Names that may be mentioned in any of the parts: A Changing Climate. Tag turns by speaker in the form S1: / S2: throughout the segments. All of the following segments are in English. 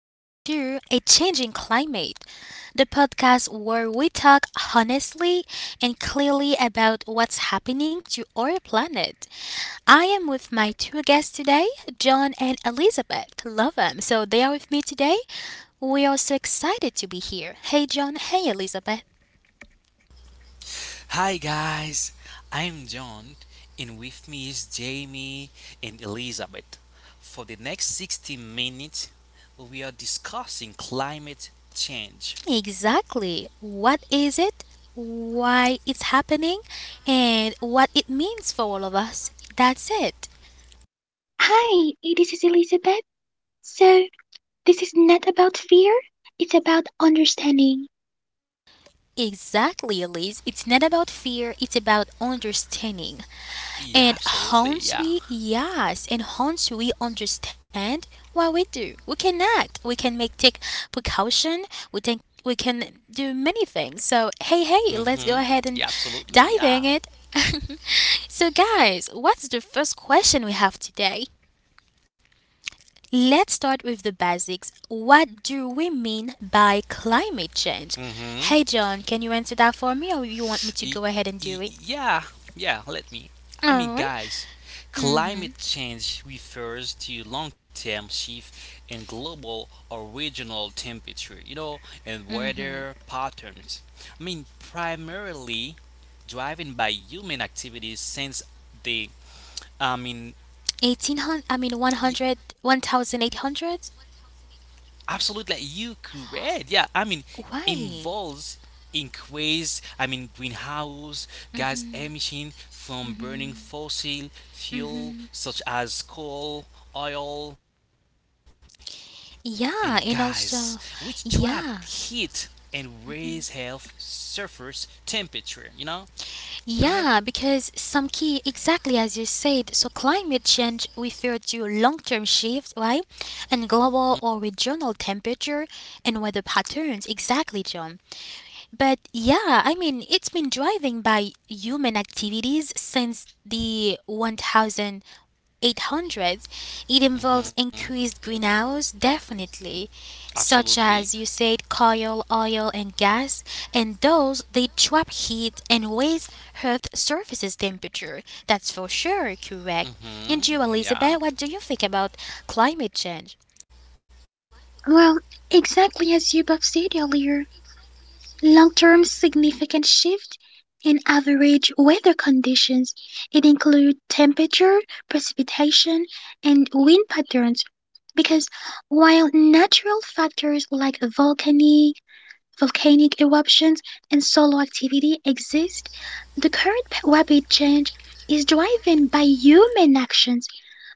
S1: back to A Changing Climate, the podcast where we talk honestly and clearly about what's happening to our planet. I am with my two guests today, John and Elizabeth. Love them. So they are with me today. We are so excited to be here. Hey, John. Hey, Elizabeth.
S2: Hi guys, I'm John, and with me is Jamie and Elizabeth. For the next 60 minutes, we are discussing climate change.
S1: Exactly. What is it? Why it's happening? And what it means for all of us? That's it.
S3: Hi, this is Elizabeth. So, this is not about fear, it's about understanding.
S1: Exactly, Elise. It's not about fear, it's about understanding. And
S2: Yeah,
S1: once we,
S2: absolutely, yeah.
S1: yes, and once we understand what we do, we can act, we can make take precaution, we think we can do many things. So, hey, hey, let's go
S2: Mm-hmm.
S1: ahead
S2: Yeah,
S1: and
S2: absolutely,
S1: dive
S2: yeah.
S1: in it. So, guys, what's the first question we have today? Let's start with the basics. What do we mean by climate change?
S2: Mm-hmm.
S1: Hey, John, can you answer that for me, or you want me to
S2: Y-
S1: go ahead and do
S2: y-
S1: it?
S2: yeah, yeah, let me.
S1: All right.
S2: Guys,
S1: Mm-hmm.
S2: climate change refers to long term shift in global original temperature, and weather patterns. Primarily driven by human activities since the, I mean,
S1: 1800, I mean one
S2: Y-
S1: hundred, 1,000, 800.
S2: absolutely, you correct. Yeah, involves
S1: Why?
S2: increase. Greenhouse gas emission from burning fossil fuel such as coal, oil, and gas, which trap
S1: Yeah, and
S2: heat
S1: also,
S2: and raise
S1: yeah,
S2: health surface temperature. You know. Go ahead.
S1: yeah, because some key, exactly as you said, so climate change refer to long-term shift, right? And global or regional temperature and weather patterns, exactly, John. But yeah, I mean, it's been driven by human activities since the 1800s. It involves increased greenhouse, definitely, such
S2: Absolutely.
S1: as you said, coal, oil, and gas, and those they trap heat and raise Earth surface's temperature. That's for sure correct. And you,
S2: Mm-hmm. Yeah.
S1: Elizabeth, what do you think about climate change?
S3: Well, exactly as you both said earlier, long term significant shift in average weather conditions. It includes temperature, precipitation, and wind patterns. Because while natural factors like volcanic eruptions, and solar activity exist, the current rapid change is driven by human actions,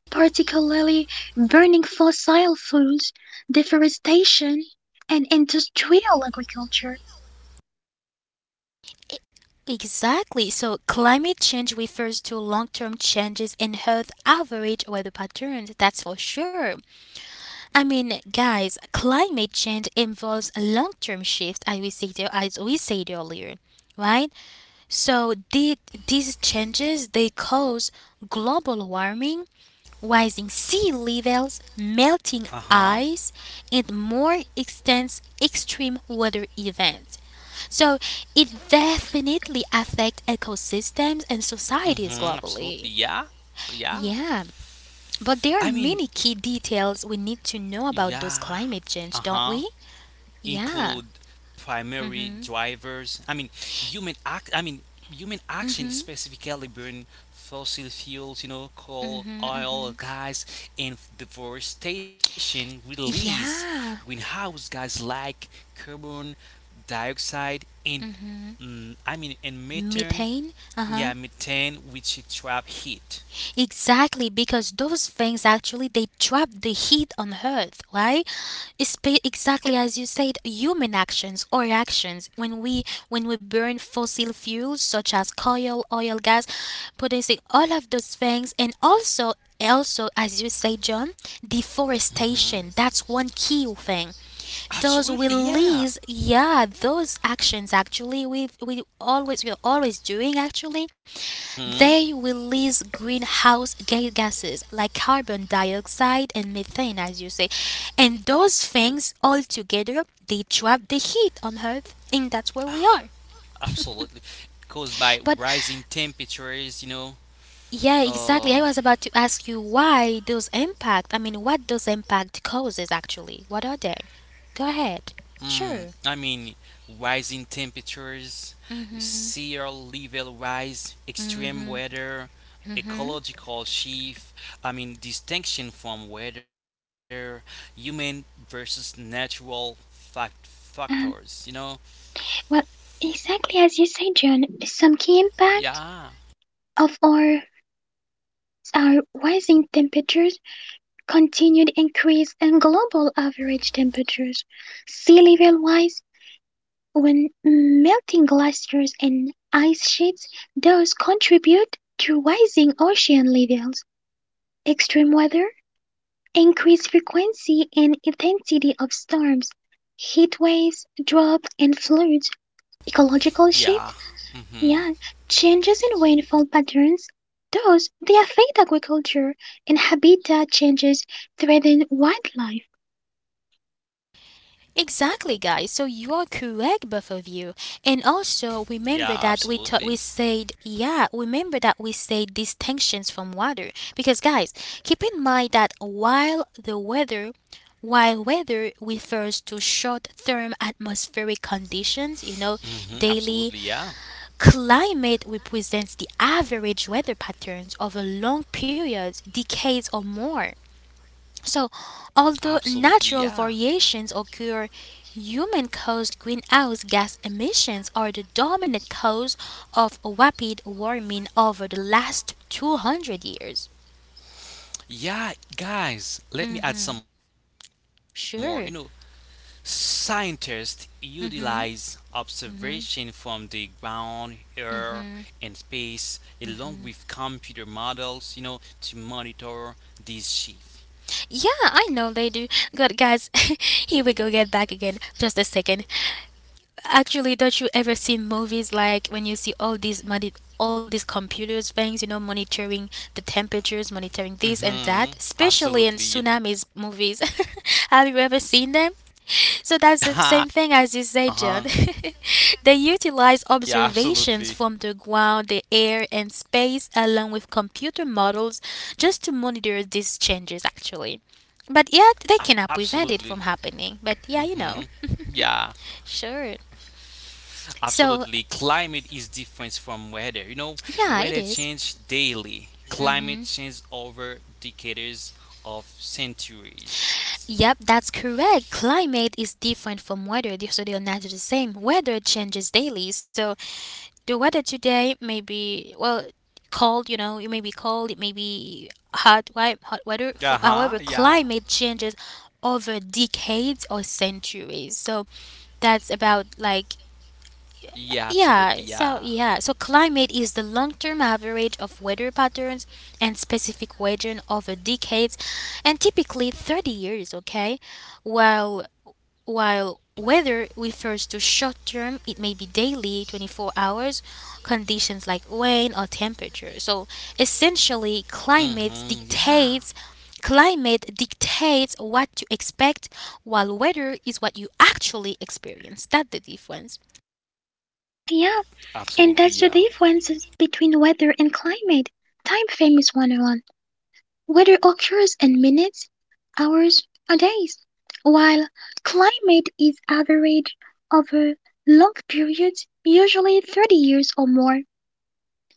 S3: particularly burning fossil fuels, deforestation, and industrial agriculture.
S1: E- Exactly. So climate change refers to long term changes in Earth average weather patterns, that's for sure. I mean, guys, climate change involves long term shifts, as we said earlier, right? So these changes, they cause global warming rising sea levels, melting
S2: Uh-huh.
S1: ice, and more intense extreme weather events. So it definitely affects ecosystems and
S2: Mm-hmm.
S1: societies
S2: Absolutely.
S1: globally.
S2: Yeah. Yeah.
S1: Yeah, but
S2: I
S1: there are
S2: mean,
S1: many key details we need to know about
S2: yeah.
S1: those climate change,
S2: Uh-huh.
S1: don't we?
S2: Include
S1: Yeah.
S2: primary drivers. Human act. I mean, Human action, specifically burn fossil fuels. You know, coal, oil, gas, and deforestation release
S1: Yeah.
S2: greenhouse gas like carbon dioxide and and methane.
S1: Methane, uh huh.
S2: Yeah, methane, which it trap heat.
S1: Exactly, because those things actually they trap the heat on Earth, right? It's exactly as you said, human actions or actions when we burn fossil fuels such as coal, oil, gas, producing all of those things, and also also as you say, John,
S2: Hmm.
S1: deforestation. That's one key thing.
S2: Absolutely,
S1: Those
S2: yeah.
S1: release, yeah, those actions actually we're always doing actually they release greenhouse gases like carbon dioxide and methane, as you say. And those things all together, they trap the heat on Earth, and that's where we are.
S2: Absolutely. Caused by
S1: But
S2: rising temperatures, you know.
S1: yeah, exactly. I
S2: Uh,
S1: was about to ask you why those impact. I mean, what those impact causes actually? What are they? Go ahead.
S2: mm, I
S1: Sure.
S2: mean, Rising temperatures, sea level rise, extreme weather, ecological shift, distinction from weather, human versus natural factors, you
S3: Um,
S2: know.
S3: well, exactly as you said, John, some key impact
S2: Yeah,
S3: of our rising temperatures, continued increase in global average temperatures, sea level rise, when melting glaciers and ice sheets, those contribute to rising ocean levels, extreme weather, increased frequency and intensity of storms, heat waves, drought and floods, ecological
S2: yeah,
S3: shift,
S2: mm-hmm.
S3: yeah, changes in rainfall patterns. Thus, they affect agriculture and habitat changes threaten wildlife.
S1: Exactly, guys. So you are correct, both of you. And also
S2: Yeah,
S1: remember that
S2: absolutely.
S1: we said yeah. Remember that we said distinctions from water because guys, keep in mind that while weather refers to short-term atmospheric conditions,
S2: Mm-hmm, absolutely,
S1: daily
S2: yeah.
S1: climate represents the average weather patterns of a long period, decades or more. So,
S2: Absolutely,
S1: although
S2: yeah.
S1: natural variations occur, human caused greenhouse gas emissions are the dominant cause of rapid warming over the last 200 years.
S2: Yeah, guys, let me add some
S1: hmm
S2: more. You know,
S1: Sure.
S2: scientists utilize
S1: hmm
S2: observation from the ground, air, and space, along with computer models, you know, to monitor this shift.
S1: Yeah, I know they do. Good guys, here we go, get back again. Just a second. Actually, don't you ever seen movies like when you see all these money, all these computers things, monitoring the temperatures, monitoring this and
S2: Mm-hmm.
S1: that, especially in
S2: Absolutely.
S1: tsunamis movies. Have you ever seen them? So that's the
S2: Uh-huh.
S1: same thing as you say, John.
S2: Yeah,
S1: They
S2: absolutely.
S1: utilize observations from the ground, the air, and space, along with computer models, just to monitor these changes. Actually, but yeah, they
S2: Absolutely.
S1: cannot prevent it from happening.
S2: Hmm.
S1: But yeah,
S2: Yeah,
S1: Sure.
S2: absolutely.
S1: So,
S2: Climate is different from weather. You know, weather
S1: yeah,
S2: change
S1: it is.
S2: daily. Climate change
S1: Mm-hmm.
S2: over decades of centuries.
S1: Yep, that's correct. Climate is different from weather, so they're not the same. Weather changes daily, so the weather today may be well cold. You know, it may be cold, it may be hot, hot weather.
S2: Uh huh.
S1: However,
S2: Yeah.
S1: climate changes over decades or centuries. So
S2: Yeah.
S1: that's
S2: Absolutely.
S1: about
S2: Yeah.
S1: like yeah, so yeah, so climate is the long-term average of weather patterns and specific region over decades and typically 30 years, okay? While while weather refers to short-term, it may be daily, 24 hours, conditions like rain or temperature. So
S2: Mm-hmm.
S1: essentially,
S2: Yeah.
S1: climate dictates what to expect while weather is what you actually experience. That's the difference.
S3: Yeah,
S2: Absolutely. Yeah.
S3: and that's the differences between weather and climate. Time famous one on weather occurs in minutes, hours, or days, while climate is averaged over long periods, usually 30 years or more.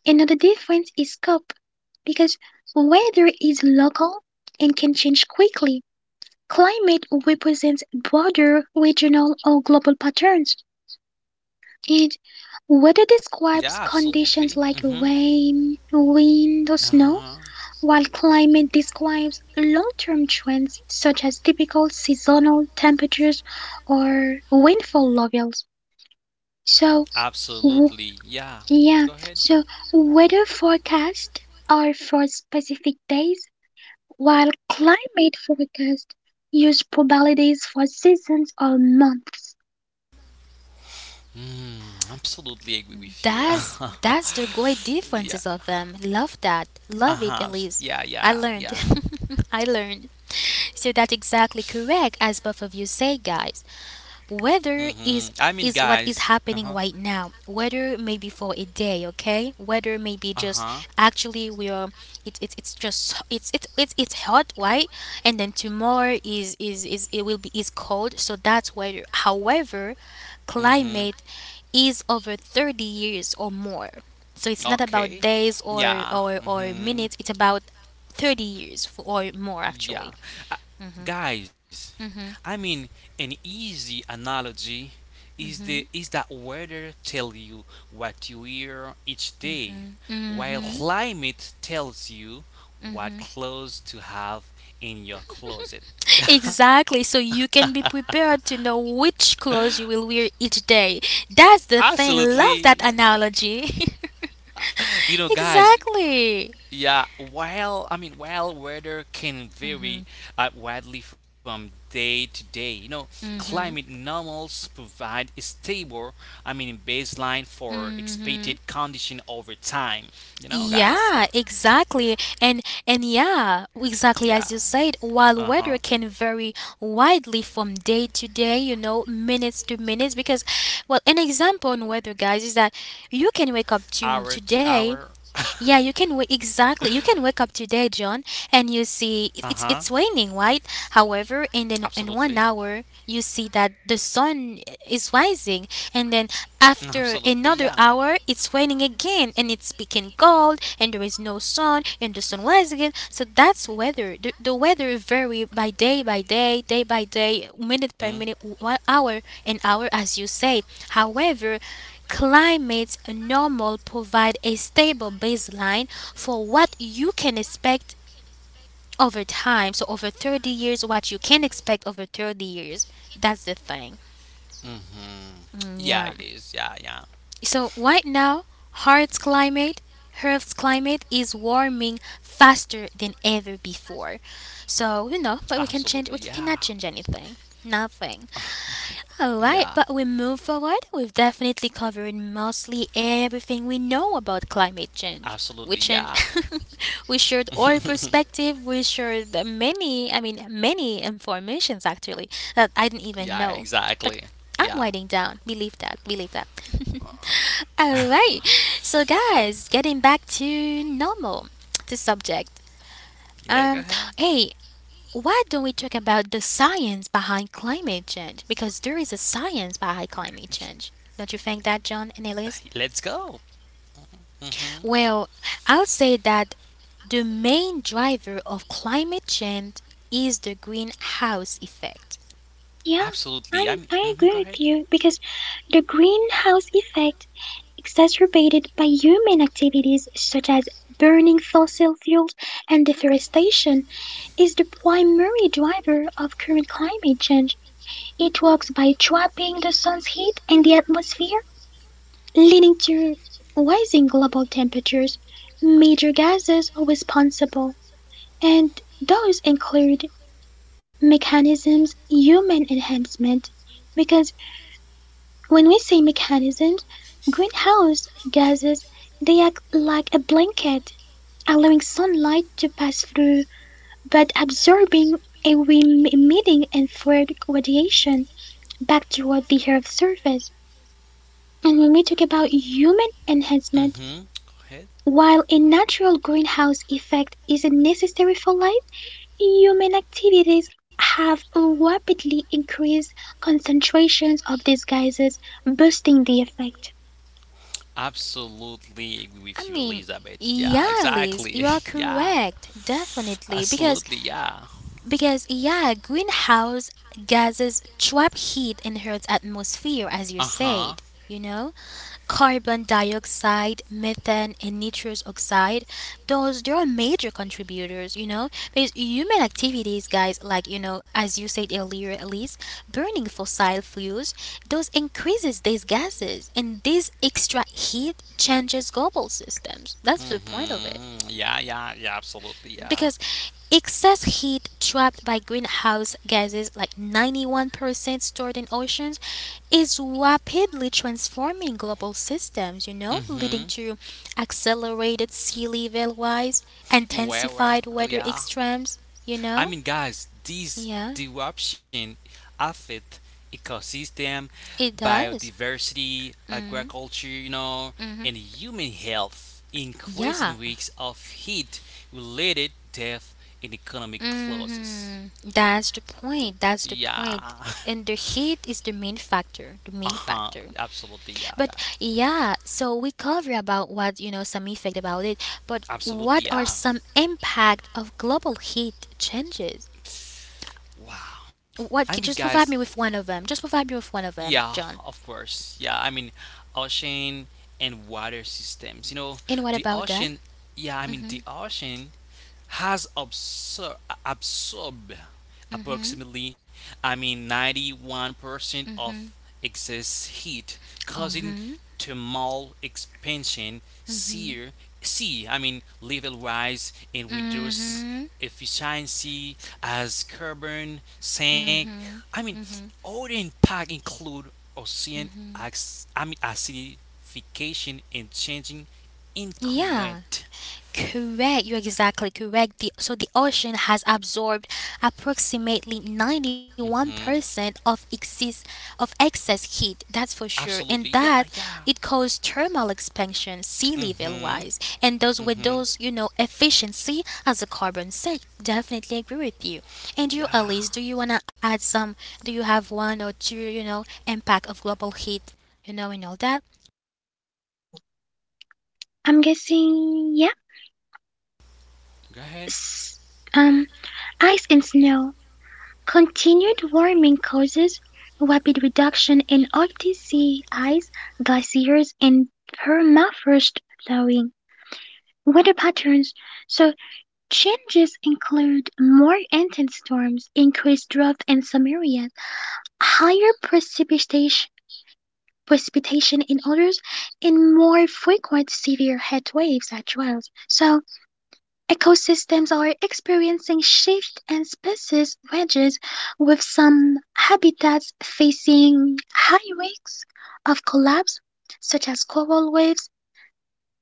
S3: Another difference is scope. Because weather is local and can change quickly, climate represents broader regional or global patterns. And weather
S2: Yeah.
S3: describes
S2: Absolutely. Mm-hmm.
S3: conditions like rain,
S2: Uh
S3: wind, or
S2: huh.
S3: snow while climate describes long-term trends such as typical seasonal temperatures or rainfall levels. So,
S2: Absolutely.
S3: w-
S2: Yeah. Go ahead.
S3: yeah, so weather forecasts are for specific days, while climate forecasts use probabilities for seasons or months.
S2: Mm, absolutely agree with you.
S1: That's the
S2: Yeah.
S1: great differences of them. Love
S2: Uh
S1: that.
S2: huh.
S1: Love
S2: Yeah,
S1: it,
S2: yeah,
S1: Elise.
S2: yeah.
S1: I learned. I learned. So that's exactly correct as both of you say, guys.
S2: Hmm. I
S1: Weather
S2: mean,
S1: is
S2: guys.
S1: is
S2: Uh
S1: what
S2: huh.
S1: is happening right now. Weather may be for a day, okay?
S2: Uh
S1: Weather may
S2: huh.
S1: be just actually we are it's just it's hot, right? And then tomorrow is it will be is cold, so that's weather. However,
S2: Hmm.
S1: climate is over 30 years or more. So it's not about
S2: Okay.
S1: days or
S2: Yeah.
S1: or or
S2: Hmm.
S1: minutes, it's about 30 years or more
S2: Yeah.
S1: actually.
S2: Uh, Guys, I mean an easy analogy is that weather tell you what you wear each day while climate tells you what clothes to have in your closet.
S1: Exactly, so you can be prepared to know which clothes you will wear each day. That's the thing.
S2: Absolutely.
S1: Love that analogy.
S2: You know guys,
S1: Exactly.
S2: yeah, while weather can vary widely from day to day, you know, climate normals provide a stable, baseline for
S1: Mm-hmm.
S2: expected condition over time. You know, guys.
S1: Yeah, exactly. And yeah, exactly as
S2: Yeah.
S1: you said, while
S2: Uh
S1: weather
S2: huh.
S1: can vary widely from day to day, you know, minutes to minutes because well, an example on weather guys is that you
S2: Hour
S1: can
S2: to
S1: wake up
S2: hour.
S1: to today yeah, you
S2: Uh
S1: can wake exactly. You can wake up today, John, and you
S2: huh.
S1: see it's raining, right? However, in
S2: Absolutely.
S1: in 1 hour, you see that the sun is rising, and then
S2: Absolutely.
S1: after
S2: Yeah.
S1: another hour, it's raining again, and it's becoming cold, and there is no sun, and the sun rises again. So that's weather. The weather vary by day by day,
S2: Mhm.
S1: minute per minute, 1 hour and hour, as you say. However, Climates normal provide a stable baseline for what you can expect over time. So over 30 years, what you can expect over 30 years. That's the thing.
S2: Mhm. Yeah, it is. Yeah, yeah.
S1: Mm, yeah. So right now, Earth's climate, Earth's climate is warming faster than ever before.
S2: So
S1: So you
S2: absolutely.
S1: know, but we
S2: Yeah.
S1: can change. We cannot change anything. Nothing.
S2: Yeah.
S1: Alright, but we move forward. We've definitely covered mostly everything we know about climate
S2: Absolutely.
S1: change.
S2: Yeah.
S1: We change we shared our perspective, we shared the many I mean many informations actually that I
S2: Yeah.
S1: didn't even know.
S2: Exactly.
S1: But
S2: Yeah.
S1: I'm winding down. Believe that, believe that. Alright. So guys, getting back to normal, the subject.
S2: Yeah. Go ahead.
S1: Um Hey, why don't we talk about the science behind climate change? Because there is a science behind climate change. Don't you think
S2: Let's
S1: that,
S2: go.
S1: John and Elise?
S2: Mhm.
S1: Well, I would say that the main driver of climate change is the greenhouse effect.
S3: Yeah,
S2: Absolutely.
S3: I
S2: Mhm. Go
S3: I
S2: ahead.
S3: agree with you because the greenhouse effect, exacerbated by human activities such as burning fossil fuels and deforestation, is the primary driver of current climate change. It works by trapping the sun's heat in the atmosphere, leading to rising global temperatures. Major gases are responsible, and those include mechanisms, human enhancement, because when we say mechanisms, greenhouse gases, they act like a blanket, allowing sunlight to pass through but absorbing and emitting infrared radiation back toward the Earth's surface. And when we talk about human enhancement,
S2: Mm-hmm. Go ahead.
S3: while a natural greenhouse effect isn't necessary for life, human activities have rapidly increased concentrations of these gases, boosting the effect.
S2: Absolutely agree with
S1: I
S2: you,
S1: mean,
S2: Elizabeth. Yeah,
S1: yeah, Elise,
S2: exactly.
S1: you are
S2: Yeah,
S1: correct, definitely, because
S2: absolutely. Yeah.
S1: because yeah, greenhouse gases trap heat in Earth's atmosphere,
S2: Uh
S1: as you
S2: huh.
S1: said. You know, carbon dioxide, methane, and nitrous oxide. Those they are major contributors, you know, because human activities, guys, like you know, as you said earlier, at least burning fossil fuels, those increases these gases, and this extra heat changes global systems. That's
S2: Mm
S1: the point of it
S2: hmm. Yeah, yeah, yeah. Absolutely. Yeah.
S1: because excess heat trapped by greenhouse gases like 91% stored in oceans is rapidly transforming global systems, you know,
S2: Mm
S1: leading
S2: hmm.
S1: to accelerated sea level rise
S2: You were, were.
S1: intensified
S2: Oh,
S1: weather
S2: yeah.
S1: extremes, you
S2: I
S1: know.
S2: mean, guys, this
S1: Yeah,
S2: disruption affect ecosystem,
S1: it does.
S2: biodiversity,
S1: Mm-hmm.
S2: agriculture, you know,
S1: Mm-hmm.
S2: and human health, increasing
S1: Yeah.
S2: risks of heat-related death and economic
S1: Mm-hmm.
S2: losses.
S1: that's the point that's the point
S2: Yeah.
S1: point. And the heat is the main factor the main
S2: Uh-huh.
S1: factor
S2: Absolutely, yeah,
S1: But
S2: guys.
S1: yeah, so we cover about what you know some effect about it. But what
S2: Absolutely,
S1: are
S2: yeah.
S1: some impact of global heat changes?
S2: Wow. I
S1: What?
S2: mean,
S1: Just
S2: guys,
S1: provide me with one of them. Just provide me with one of them,
S2: yeah,
S1: John.
S2: of course. Yeah, ocean and water systems. You know,
S1: And what
S2: the
S1: about that?
S2: ocean, the
S1: Mhm.
S2: ocean has absorbed
S1: Mhm.
S2: approximately, 91% of
S1: Mhm.
S2: excess heat,
S1: Oh.
S2: causing
S1: Mhm.
S2: thermal expansion, sear, see, I mean, level rise and reduce
S1: Mhm.
S2: efficiency as carbon sink. I mean, Other impact include ocean acidification and changing in
S1: Yeah.
S2: current.
S1: Correct, you're exactly correct. So the ocean has absorbed approximately
S2: Mhm.
S1: 91% of excess heat, that's for sure. And
S2: Absolutely,
S1: that
S2: yeah, yeah.
S1: it caused thermal expansion sea level
S2: Mm-hmm.
S1: wise. And those with
S2: Mm-hmm.
S1: those, you know, efficiency as a carbon sink. Definitely agree with you. And you
S2: Yeah.
S1: Elise, do you wanna add some do you have one or two, you know, impact of global heat, you know, and all that?
S3: I'm guessing,
S2: Go ahead.
S3: yes. Um, ice and snow. Continued warming causes rapid reduction in Arctic sea ice, glaciers, and permafrost thawing. Weather patterns. So changes include more intense storms, increased drought in some areas, higher precipitation in others, and more frequent severe heat waves as well. So ecosystems are experiencing shifts and species ranges, with some habitats facing high risks of collapse, such as coral reefs,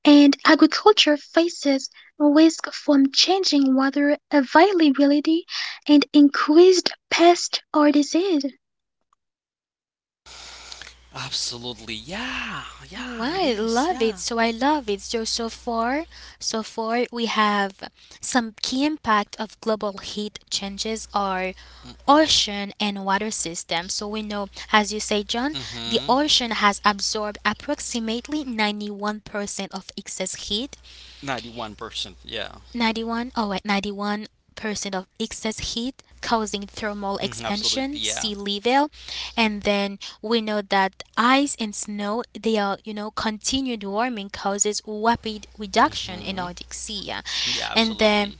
S3: and agriculture faces risk from changing water availability and increased pest or disease.
S2: Absolutely. Yeah. Yeah, it
S1: Mm,
S2: is.
S1: well, I
S2: Yeah.
S1: love it. So so far we have some key impact of global heat changes are
S2: Mm-
S1: ocean and water systems. So we know,
S2: Mm-hmm.
S1: as you say, John, the ocean has absorbed approximately 91% of excess heat.
S2: 91%. Yeah.
S1: 91 oh, oh wait 91% of excess heat causing
S2: Mm-hmm. Absolutely.
S1: thermal
S2: Yeah.
S1: expansion see level and then we know that ice and snow they are you know continued warming causes rapid
S2: Mm-hmm.
S1: reduction in Arctic
S2: Yeah,
S1: sea yeah.
S2: absolutely.
S1: And then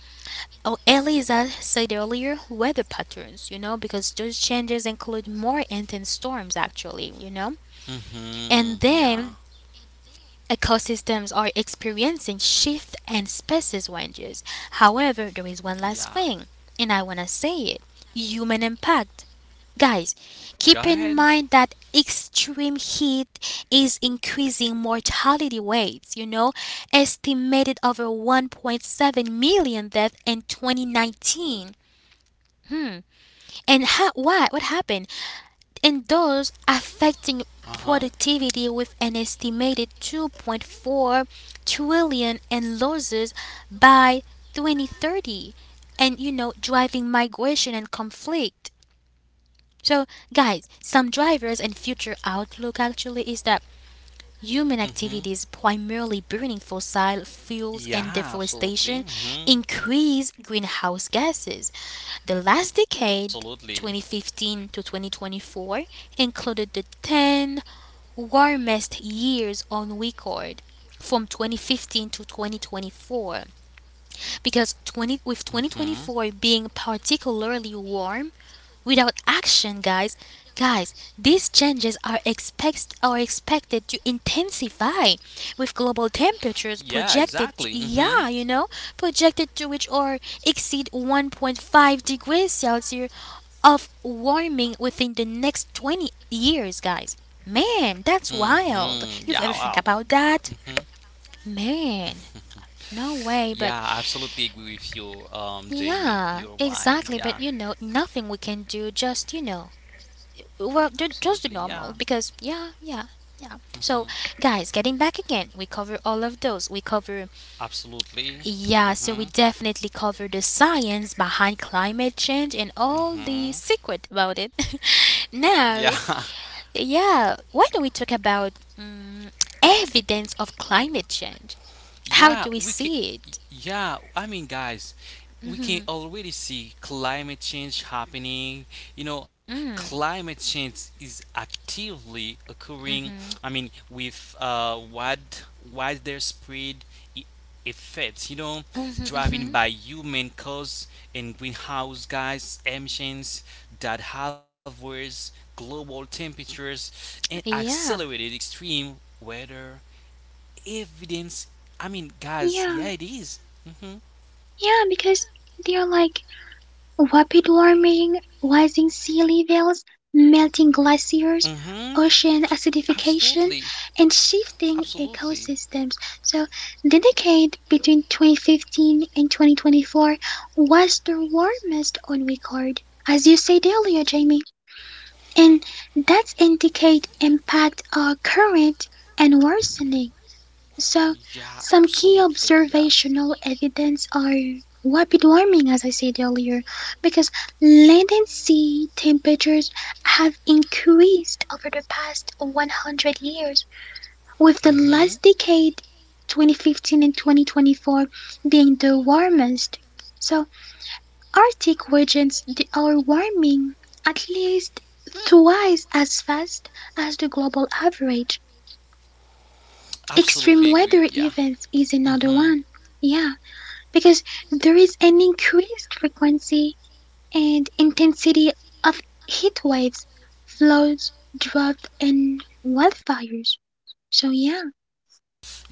S1: oh Eliza said earlier weather patterns you know because those changes include more intense storms actually you know
S2: Mm-hmm. Yeah.
S1: and then ecosystems are experiencing shift and species changes. However,
S2: Yeah.
S1: there is one last thing, and I want to say it human impact.
S2: Go
S1: Guys,
S2: ahead.
S1: keep in mind that extreme heat is increasing mortality rates, estimated over 1.7 million deaths in 2019. Hmm. And ha- what? What happened? And those
S2: Uh huh.
S1: affecting productivity with an estimated 2.4 trillion in losses by 2030, and driving migration and conflict. So, guys, some drivers and future outlook actually is that
S2: Mm hmm.
S1: human activities, primarily burning
S2: Yeah,
S1: fossil
S2: absolutely.
S1: fuels
S2: Mm
S1: and
S2: hmm.
S1: deforestation, increase greenhouse gases. The last
S2: Absolutely.
S1: decade, 2015 to 2024, included the 10 warmest years on record from 2015 to 2024, because
S2: Hmm.
S1: 20 with 2024 being particularly warm. Without action, guys, these changes are expected to intensify, with global
S2: Yeah,
S1: temperatures
S2: exactly. Hmm.
S1: projected to reach or exceed 1.5 degrees Celsius of warming within the next 20 years, guys. Man, that's
S2: Hmm. Yeah, wow.
S1: wild. You've ever think
S2: Hmm.
S1: about that, man?
S2: Yeah,
S1: No
S2: I
S1: way. But
S2: absolutely agree with you, Jamie. You're right.
S1: yeah,
S2: Yeah,
S1: exactly. But nothing we can do. Just, well,
S2: absolutely. Yeah.
S1: just the normal. Because yeah, yeah, yeah.
S2: Hmm.
S1: So, guys, getting back again, we cover all of those. We cover.
S2: Absolutely. Hmm.
S1: Yeah. So we definitely cover the science behind climate change and all the
S2: Hmm.
S1: secret about it.
S2: Yeah.
S1: Now, yeah, why don't we talk about evidence of climate change?
S2: Yeah,
S1: How do we
S2: we can.
S1: see it?
S2: Yeah, I mean, guys, we can already see climate change happening. You know, climate change is actively occurring. With wider spread e- effects. You know, driven by human cause and greenhouse gas emissions that have worse global temperatures and
S1: Yeah.
S2: accelerated extreme weather evidence. I mean, guys,
S3: Yeah,
S2: yeah, it is. Mhm.
S3: yeah, because they're like rapid warming, rising sea levels, melting
S2: Mhm.
S3: glaciers, ocean
S2: Absolutely.
S3: acidification, and
S2: Absolutely.
S3: shifting ecosystems. So, the decade between 2015 and 2024 was the warmest on record, as you said earlier, Jamie, and that's indicate impact are current and worsening. So,
S2: Yeah,
S3: some key
S2: absolutely. Yeah.
S3: observational evidence are rapid warming, as I said earlier, because land and sea temperatures have increased over the past 100 years, with the
S2: Mhm.
S3: last decade, 2015 and 2024, being the warmest. So, Arctic regions they are warming at least twice as fast as the global average. Extreme
S2: Absolutely
S3: weather
S2: agree. Yeah.
S3: events is another
S2: Mhm.
S3: one. Yeah, because there is an increased frequency and intensity of heat waves, floods, drought, and wildfires. So, yeah,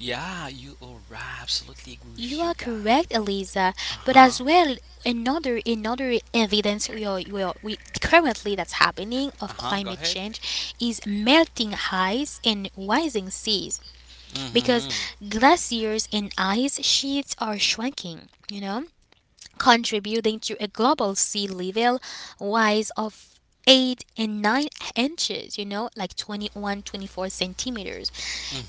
S2: Yeah, you are right. Absolutely agree
S1: You
S2: with
S1: are
S2: you, guy.
S1: correct, Eliza.
S2: Uh
S1: But
S2: huh.
S1: as well, another evidence we are we currently, that's happening,
S2: Uh
S1: of
S2: huh. Go
S1: climate
S2: ahead.
S1: change, is melting ice and rising seas. Because
S2: Mhm.
S1: glaciers and ice sheets are shrinking, contributing to a global sea level rise of 8 and 9 inches, like 21, 24 centimeters.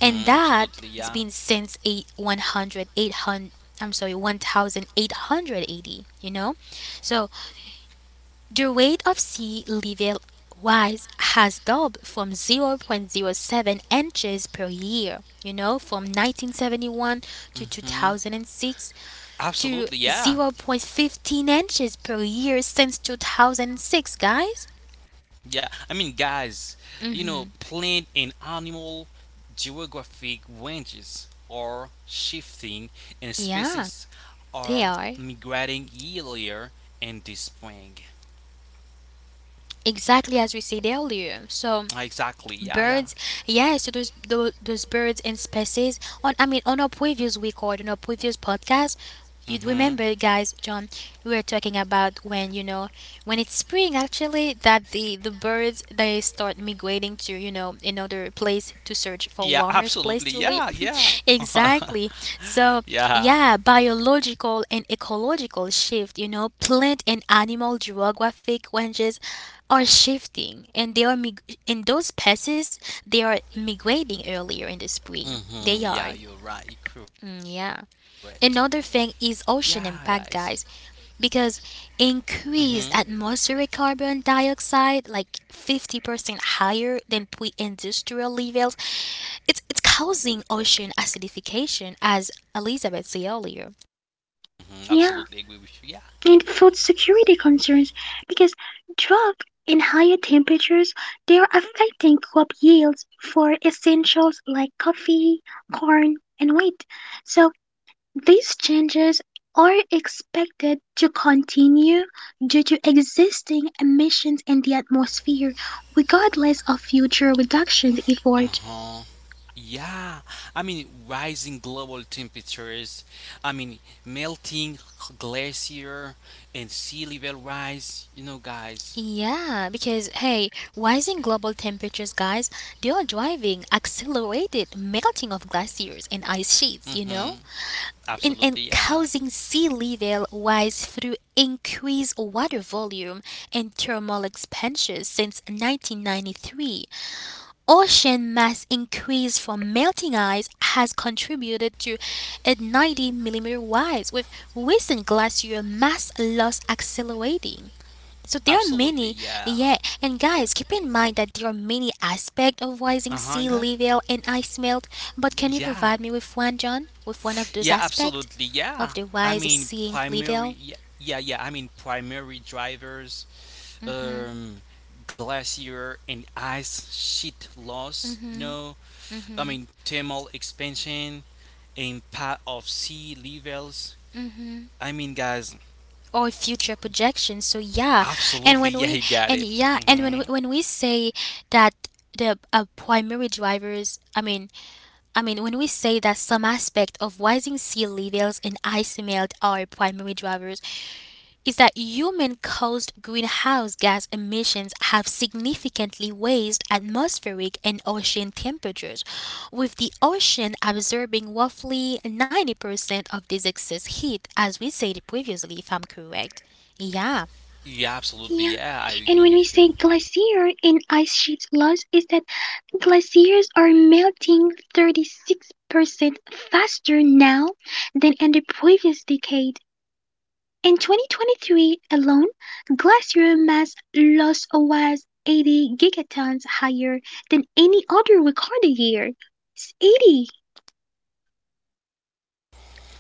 S1: And that,
S2: absolutely,
S1: it's
S2: yeah.
S1: been since eight one hundred eight hundred, I'm sorry, 1880. So the rate of sea level rise has doubled from 0.0 0.07 inches per year, from 1971 to
S2: Mm-hmm.
S1: 2006 to
S2: Absolutely, yeah.
S1: 0.15 inches per year since 2006, guys.
S2: Yeah. I mean, guys, you know, plant and animal geographic ranges are shifting and
S1: Yeah,
S2: species
S1: they
S2: are
S1: are.
S2: migrating yearlier in the spring.
S1: Exactly as we said earlier. So
S2: Exactly, yeah, yeah.
S1: birds, yeah. So those birds and species. On, I mean, on our previous record, on our previous podcast, you
S2: Mm-hmm.
S1: remember, guys, John, we were talking about when, when it's spring actually, that the birds, they start migrating to, another place to search
S2: Yeah,
S1: for warmer
S2: absolutely,
S1: place to
S2: yeah,
S1: live.
S2: yeah.
S1: Exactly. So
S2: Yeah.
S1: yeah, biological and ecological shift. You know, plant and animal geographic ranges are shifting and they are and those passes. They are migrating earlier in the spring,
S2: Mm-hmm.
S1: they
S2: Yeah,
S1: are.
S2: you're right, correct.
S1: Mm, yeah. Another
S2: Yeah,
S1: thing is
S2: guys.
S1: ocean impact, guys. Because
S2: Mm-hmm.
S1: increased atmospheric carbon dioxide, like 50% higher than pre-industrial levels, it's causing ocean acidification, as Elizabeth said earlier.
S2: Hmm.
S3: yeah.
S2: Absolutely agree with you. Yeah.
S3: And food security concerns because drought and higher temperatures they are affecting crop yields for essentials like coffee, corn, and wheat. So, these changes are expected to continue due to existing emissions in the atmosphere, regardless of future reduction efforts.
S2: Uh-huh. Yeah. I mean, rising global temperatures. I mean, melting glacier and sea level rise. You know, guys.
S1: Yeah, because hey, rising global temperatures, guys, they are driving accelerated melting of glaciers and ice sheets, you
S2: Mm-hmm.
S1: know? And
S2: Absolutely. Yeah.
S1: causing sea level rise through increased water volume and thermal expansion since 1993. Ocean mass increase from melting ice has contributed to a 90 millimeter rise, with recent glacier mass loss accelerating. So there are
S2: Absolutely.
S1: many.
S2: Yeah.
S1: Yeah. And guys, keep in mind that there are many aspects of rising
S2: Uh-huh.
S1: sea
S2: Guy.
S1: level and ice melt. But can you
S2: Yeah.
S1: provide me with one, John, with one of those
S2: Yeah.
S1: aspects
S2: Absolutely.
S1: of
S2: Yeah.
S1: the
S2: I
S1: rise
S2: mean,
S1: sea
S2: primary.
S1: level
S2: Yeah. Yeah. Yeah. I mean, Primary drivers, um, glacier and ice sheet loss, you know, thermal expansion, impact of sea levels. I mean, guys,
S1: or future projections? So yeah, and when we
S2: absolutely, yeah,
S1: and
S2: you
S1: yeah,
S2: got it.
S1: when we
S2: Hmm.
S1: say that the primary drivers, I mean, when we say that some aspect of rising sea levels and ice melt are primary drivers, is that human-caused greenhouse gas emissions have significantly raised atmospheric and ocean temperatures, with the ocean absorbing roughly 90% of this excess heat, as we said previously, if I'm correct. Yeah,
S2: Yeah,
S3: Yeah,
S2: absolutely,
S3: and
S2: yeah,
S3: when
S2: I
S3: we
S2: agree
S3: say
S2: with you.
S3: glacier in ice sheet loss, is that glaciers are melting 36% faster now than in the previous decade. In 2023 alone, glacier mass loss was 80 gigatons higher than any other recorded year. It's 80.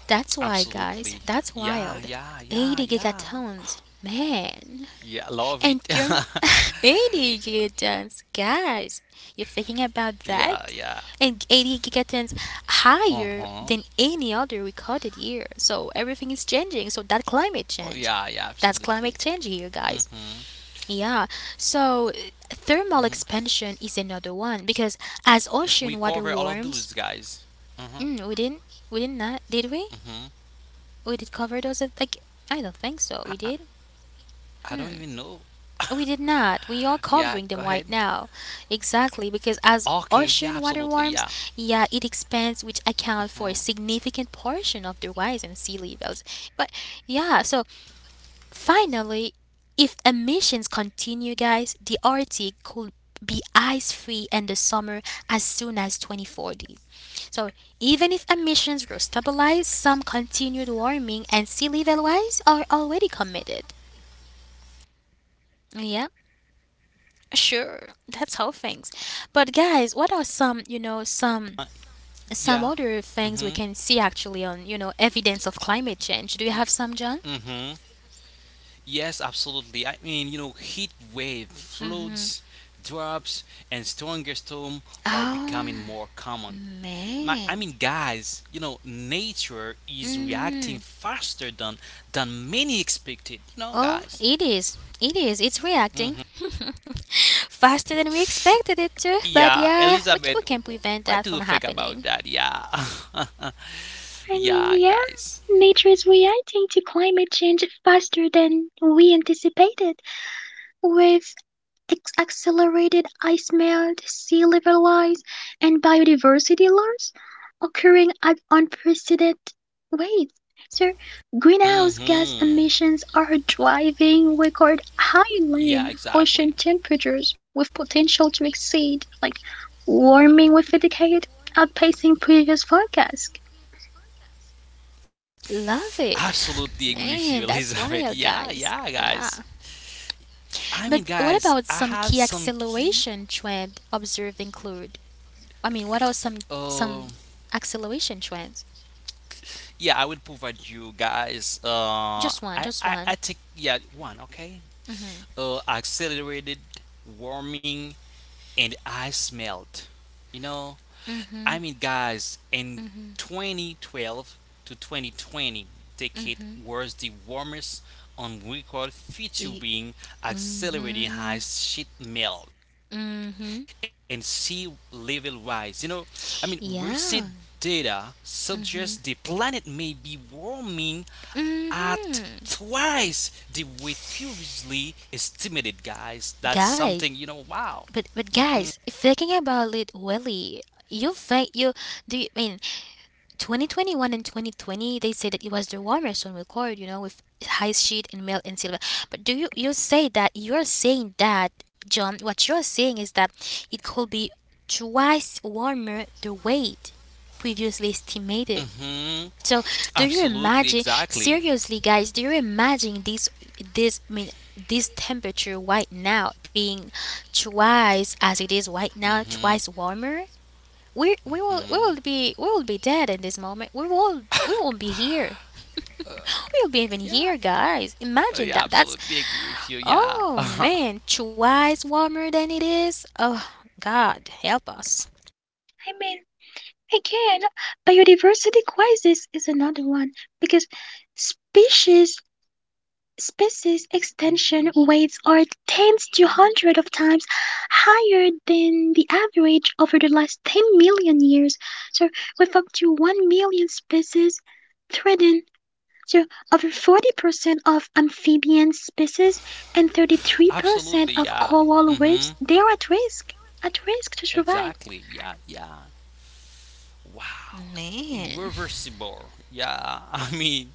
S1: that's why, guys.
S2: Absolutely,
S1: That's
S2: yeah,
S1: wild.
S2: yeah, yeah,
S1: 80
S2: yeah.
S1: gigatons. Man.
S2: Yeah, love
S1: And
S2: it.
S1: you're— 80 gigatons. Guys,
S2: Yeah,
S1: you're
S2: yeah.
S1: thinking about that? And 80
S2: Uh
S1: gigatons
S2: huh.
S1: higher than any other recorded year. So everything is
S2: Oh,
S1: changing. So
S2: yeah,
S1: that
S2: yeah,
S1: climate
S2: absolutely.
S1: change. That's
S2: Mm
S1: climate
S2: hmm.
S1: change here, guys. Yeah.
S2: Mm
S1: So thermal
S2: hmm. We
S1: expansion is
S2: cover all
S1: another
S2: of
S1: one,
S2: those,
S1: because
S2: guys.
S1: as
S2: Uh huh.
S1: ocean water warms, mm, we
S2: Mm
S1: didn't, we didn't not, did we? We did cover those.
S2: hmm.
S1: Like, I don't think so. We
S2: I
S1: did.
S2: don't even know.
S1: Hmm. We did
S2: Yeah, go
S1: not. We
S2: ahead.
S1: are covering them right now. Exactly, because
S2: Okay, yeah,
S1: as
S2: absolutely.
S1: ocean
S2: Yeah.
S1: water warms, yeah, it expands, which
S2: Uh,
S1: accounts for a significant portion of the rise in sea levels. But yeah, so finally, if emissions continue, guys, the Arctic could be ice free in the summer as soon as 2040. So even if emissions were stabilized, some continued warming and sea level rise are already committed. Yeah. Sure, that's how things. But guys, what are some, some
S2: yeah.
S1: other
S2: Mhm.
S1: things we can see actually on, evidence of climate
S2: Y-
S1: change? Do you have some, John?
S2: Mm-hmm. Yes, absolutely. I mean, you know, heat wave, floods,
S1: Mm-hmm.
S2: drops, and stronger storm are becoming more
S1: Oh
S2: common.
S1: man.
S2: Guys, you know, nature is reacting
S1: Mm-hmm.
S2: faster than many expected. You know,
S1: Oh,
S2: guys.
S1: it is. It is. It's
S2: Hmm.
S1: reacting faster than we expected it to. But
S2: Yeah,
S1: yeah, we
S2: Elizabeth,
S1: can prevent
S2: what
S1: that
S2: do you
S1: from
S2: think about
S1: happening.
S2: that? Yeah,
S3: I mean,
S2: yeah,
S3: yeah,
S2: guys.
S3: nature is reacting to climate change faster than we anticipated, with accelerated ice melt, sea level rise, and biodiversity loss occurring at unprecedented rates. So, greenhouse gas
S2: Mm-hmm.
S3: emissions are driving record high
S2: Yeah,
S3: land ocean
S2: exactly.
S3: temperatures with potential to exceed like warming with a decade, outpacing previous forecasts.
S2: Absolutely
S1: Love
S2: agree with
S1: it.
S2: you, Elizabeth.
S1: Man,
S2: Yeah,
S1: that's
S2: yeah,
S1: wild,
S2: guys.
S1: guys. Yeah.
S2: I mean, guys, I
S1: But
S2: have
S1: what about
S2: some
S1: some key
S2: key.
S1: acceleration trend observed include? I mean, what are some
S2: Uh,
S1: some acceleration trends?
S2: yeah, I will provide you guys.
S1: Just one, just
S2: I
S1: one.
S2: think yeah, one okay. Accelerated warming and I smelled. You know, I mean, guys, in 2012 to 2020 decade was the warmest on record,
S1: Y-
S2: featuring accelerating high
S1: mhm.
S2: sheet melt and sea
S1: Mhm.
S2: level rise. You know, I mean, recent data
S1: Yeah.
S2: suggests the planet may be warming at
S1: Mhm.
S2: twice the rate previously estimated, guys, that's something, you
S1: Guys,
S2: know. Wow.
S1: but guys, thinking about it, really, you think you do you, I mean, 2021 and 2020, they say that it was the warmest on record, you know, with high sheet and male and silver. But do you— you say that you're saying that, John, what you're saying is that it could be twice warmer the weight previously estimated.
S2: Hmm.
S1: So do you
S2: Absolutely,
S1: imagine,
S2: exactly.
S1: seriously, guys, do you imagine this, I mean, this temperature right now being twice as it is right now,
S2: Hmm.
S1: twice warmer? We we will we
S2: Hmm.
S1: will be dead in this moment. We won't be here. We'll be even here,
S2: Yeah.
S1: guys. Imagine
S2: Yeah,
S1: that. That's—
S2: absolutely agree with you. Yeah,
S1: oh man, twice warmer than it is. Oh God, help us,
S3: I mean, again, biodiversity crisis is another one because species species extinction rates are tens to hundreds of times higher than the average over the last 10 million years. So, with up to 1 million species threatened, so over 40% of amphibian species and 33%
S2: absolutely.
S3: of
S2: Yeah.
S3: coral reefs,
S2: Hmm.
S3: they are at risk to survive.
S2: Exactly. Yeah. Yeah. Wow.
S1: man.
S2: Irreversible. Yeah. I mean,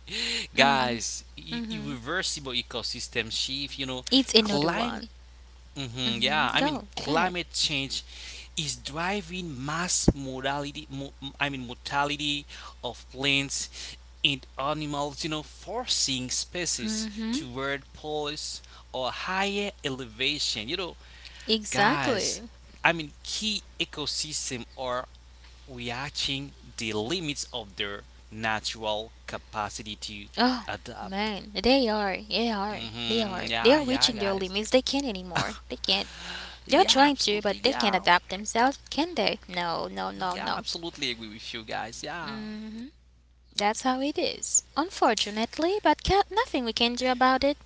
S1: Mhm,
S2: guys,
S1: mhm.
S2: irreversible ecosystem shift. You know,
S1: It's another
S2: clim
S1: one.
S2: hmm,
S1: Mhm.
S2: yeah, I
S1: Go,
S2: mean,
S1: ahead.
S2: climate change is driving mass mortality. Mortality of plants and animals. You know, forcing species
S1: Mhm.
S2: toward poles or higher elevation. You know, guys.
S1: Exactly.
S2: I mean, key ecosystem are reaching the limits of their natural capacity to
S1: Oh
S2: adapt.
S1: man, they are, they are, they
S2: Hmm.
S1: are, they
S2: Yeah,
S1: are
S2: yeah,
S1: reaching their
S2: guys.
S1: limits. They can't anymore. They can't. You're
S2: Yeah,
S1: trying to,
S2: absolutely.
S1: but they can't
S2: Yeah.
S1: adapt themselves, can they? No, no, no,
S2: Yeah,
S1: no.
S2: absolutely agree with you guys. Yeah,
S1: Hmm. That's how it is. Unfortunately, but ca nothing we can do about it.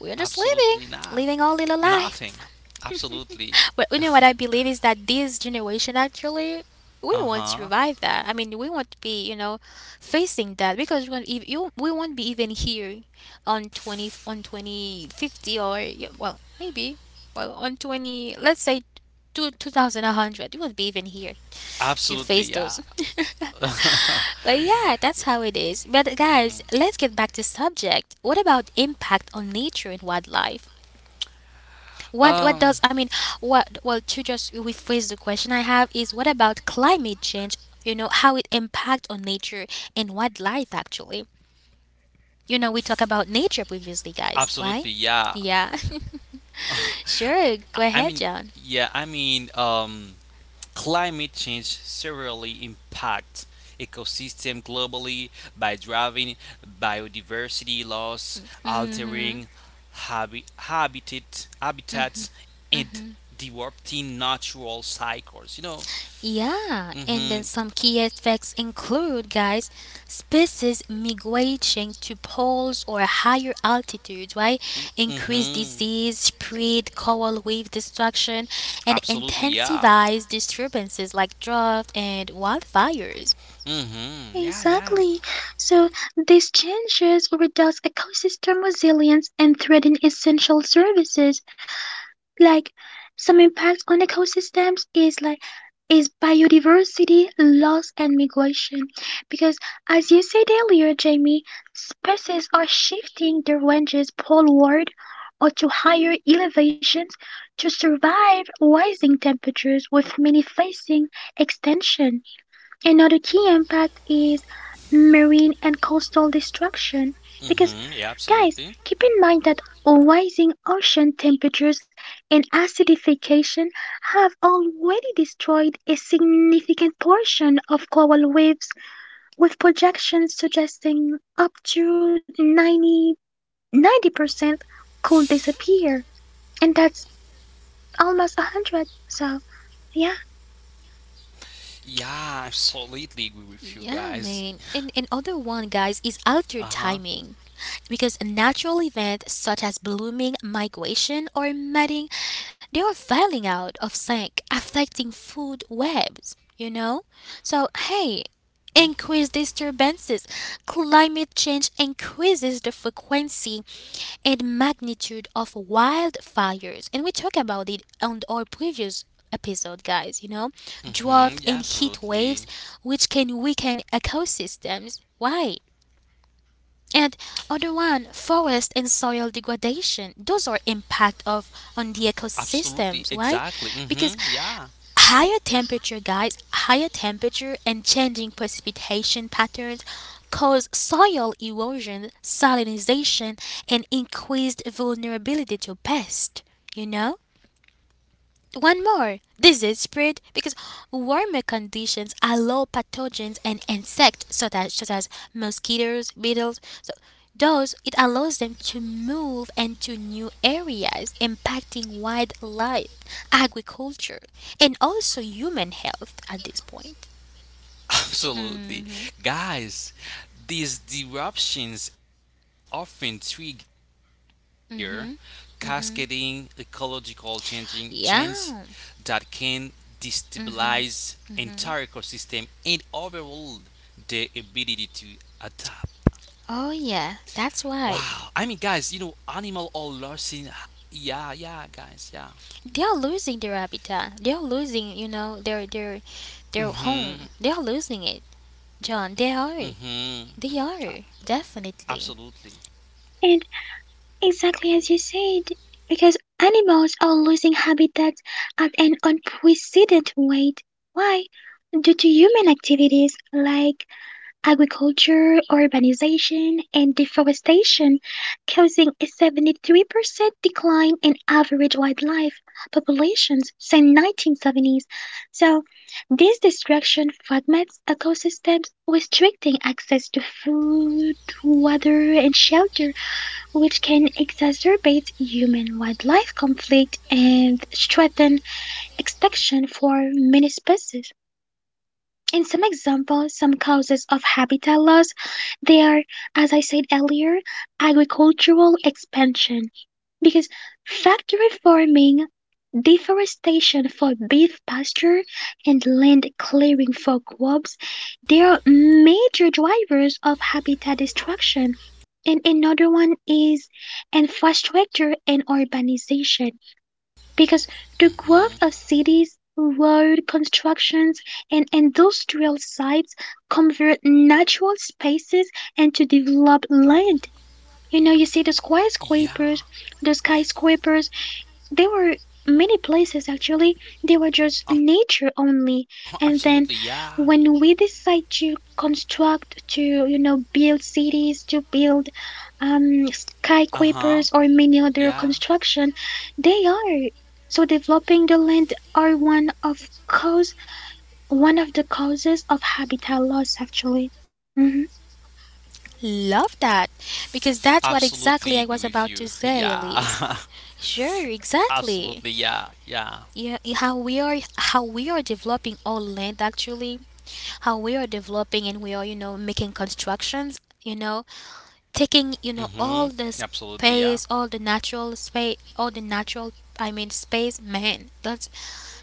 S1: We're just living,
S2: absolutely not.
S1: our little life.
S2: Nothing. Absolutely.
S1: But you know what I believe is that this generation actually, we
S2: Uh
S1: won't
S2: huh.
S1: survive that. I mean, we won't be, facing that, because we won't, we won't be even here on 2050. Or, yeah, well, maybe, well, on 20, let's say two, 2100, you won't be even here to
S2: Absolutely,
S1: face
S2: yeah.
S1: those. But yeah, that's how it is. But
S2: Mhm.
S1: guys, let's get back to subject. What about impact on nature and wildlife? What— what
S2: Um,
S1: does, I mean, what, well, to just rephrase the question I have is what about climate change, how it impact on nature and wildlife actually? You know, we talk about nature previously, guys. Why?
S2: absolutely, yeah.
S1: Yeah. Sure, go
S2: I, I
S1: ahead,
S2: mean,
S1: John.
S2: yeah, climate change severely impacts ecosystems globally by driving biodiversity loss,
S1: Mm-hmm.
S2: altering habitats, and
S1: Mm-hmm.
S2: disrupting natural cycles. You know.
S1: Yeah, and then
S2: Hmm.
S1: some key effects include, guys: species migrating to poles or higher altitudes, right? Increase
S2: Hmm.
S1: disease, spread coral reef destruction, and
S2: Absolutely, yeah.
S1: intensifies disturbances like drought and wildfires.
S2: Mm-hmm. Yeah, yeah.
S3: Exactly. So these changes reduce ecosystem resilience and threaten essential services like some impacts on ecosystems is like is biodiversity loss and migration because as you said earlier Jamie, species are shifting their ranges poleward or to higher elevations to survive rising temperatures with many facing extinction. Another key impact is marine and coastal destruction because
S2: Mm-hmm. Yeah,
S3: guys,
S2: absolutely.
S3: keep in mind that rising ocean temperatures and acidification have already destroyed a significant portion of coral reefs, with projections suggesting up to 90, percent could disappear. And that's almost 100. So, yeah.
S2: Yeah, I absolutely agree
S1: Yeah,
S2: with you
S1: man.
S2: guys.
S1: And another one, guys, is altered timing.
S2: Uh-huh.
S1: Because natural events such as blooming, migration, or mating, they are falling out of sync, affecting food webs, you know? So, hey, increased disturbances. Climate change increases the frequency and magnitude of wildfires. And we talked about it on our previous episode, guys. You know, drought and heat
S2: Mm-hmm. Yeah,
S1: waves,
S2: absolutely.
S1: which can weaken ecosystems. Why? And other one, forest and soil degradation. Those are impact of on the ecosystems. Why?
S2: Absolutely.
S1: Because
S2: Exactly. Mm-hmm.
S1: higher
S2: Yeah.
S1: temperature, guys, higher temperature and changing precipitation patterns cause soil erosion, salinization, and increased vulnerability to pests. You know? One more. This is spread, because warmer conditions allow pathogens and insects such as mosquitoes, beetles. So those, it allows them to move into new areas, impacting wildlife, agriculture, and also human health at this point.
S2: Absolutely.
S1: Mm,
S2: Guys, these disruptions often trigger cascading ecological changing change that can
S1: yeah.
S2: destabilize entire ecosystem and overall their ability to adapt.
S1: Oh
S2: Wow. I mean
S1: yeah,
S2: guys, you
S1: that's
S2: know
S1: right.
S2: animal or losing, yeah, yeah guys, yeah.
S1: They are losing their habitat. They are losing, their
S2: Mhm.
S1: home. They are losing it. John, they
S2: Mhm.
S1: are. They are,
S2: Absolutely.
S1: definitely.
S3: And exactly as you said, because animals are losing habitats at an unprecedented rate. Why? Due to human activities like agriculture, urbanization, and deforestation, causing a 73% decline in average wildlife populations since 1970s. So, this destruction fragments ecosystems, restricting access to food, water, and shelter which can exacerbate human wildlife conflict and strengthen extinction for many species. In some examples, some causes of habitat loss, they are, as I said earlier, agricultural expansion because factory farming, deforestation for beef pasture, and land clearing for crops, they are major drivers of habitat destruction. And another one is infrastructure and urbanization because the growth of
S2: Mhm.
S3: cities, road constructions, and industrial sites convert natural spaces and to develop land. You know, you see the skyscrapers,
S2: Yeah.
S3: the skyscrapers, there were many places actually. They were just
S2: Uh-huh,
S3: nature
S2: absolutely,
S3: only.
S2: yeah.
S3: And then when we decide to construct, to, you know, build cities, to build
S2: Uh-huh.
S3: skyscrapers
S2: Yeah.
S3: or many other construction, they are. So developing the land are cause one of the causes of habitat loss actually. Mhm.
S1: Love that.
S2: Absolutely
S1: Because
S2: agree
S1: that's
S2: with
S1: what
S2: you.
S1: exactly I was
S2: Yeah.
S1: about to say, Elise. Sure,
S2: Absolutely, yeah.
S1: exactly.
S2: Yeah.
S1: Yeah, how we are, how we are developing our land actually, how we are developing and we are, making constructions, taking,
S2: Mm-hmm.
S1: all the
S2: Absolutely, yeah.
S1: space, all the natural space, all the natural I mean space, man. That's—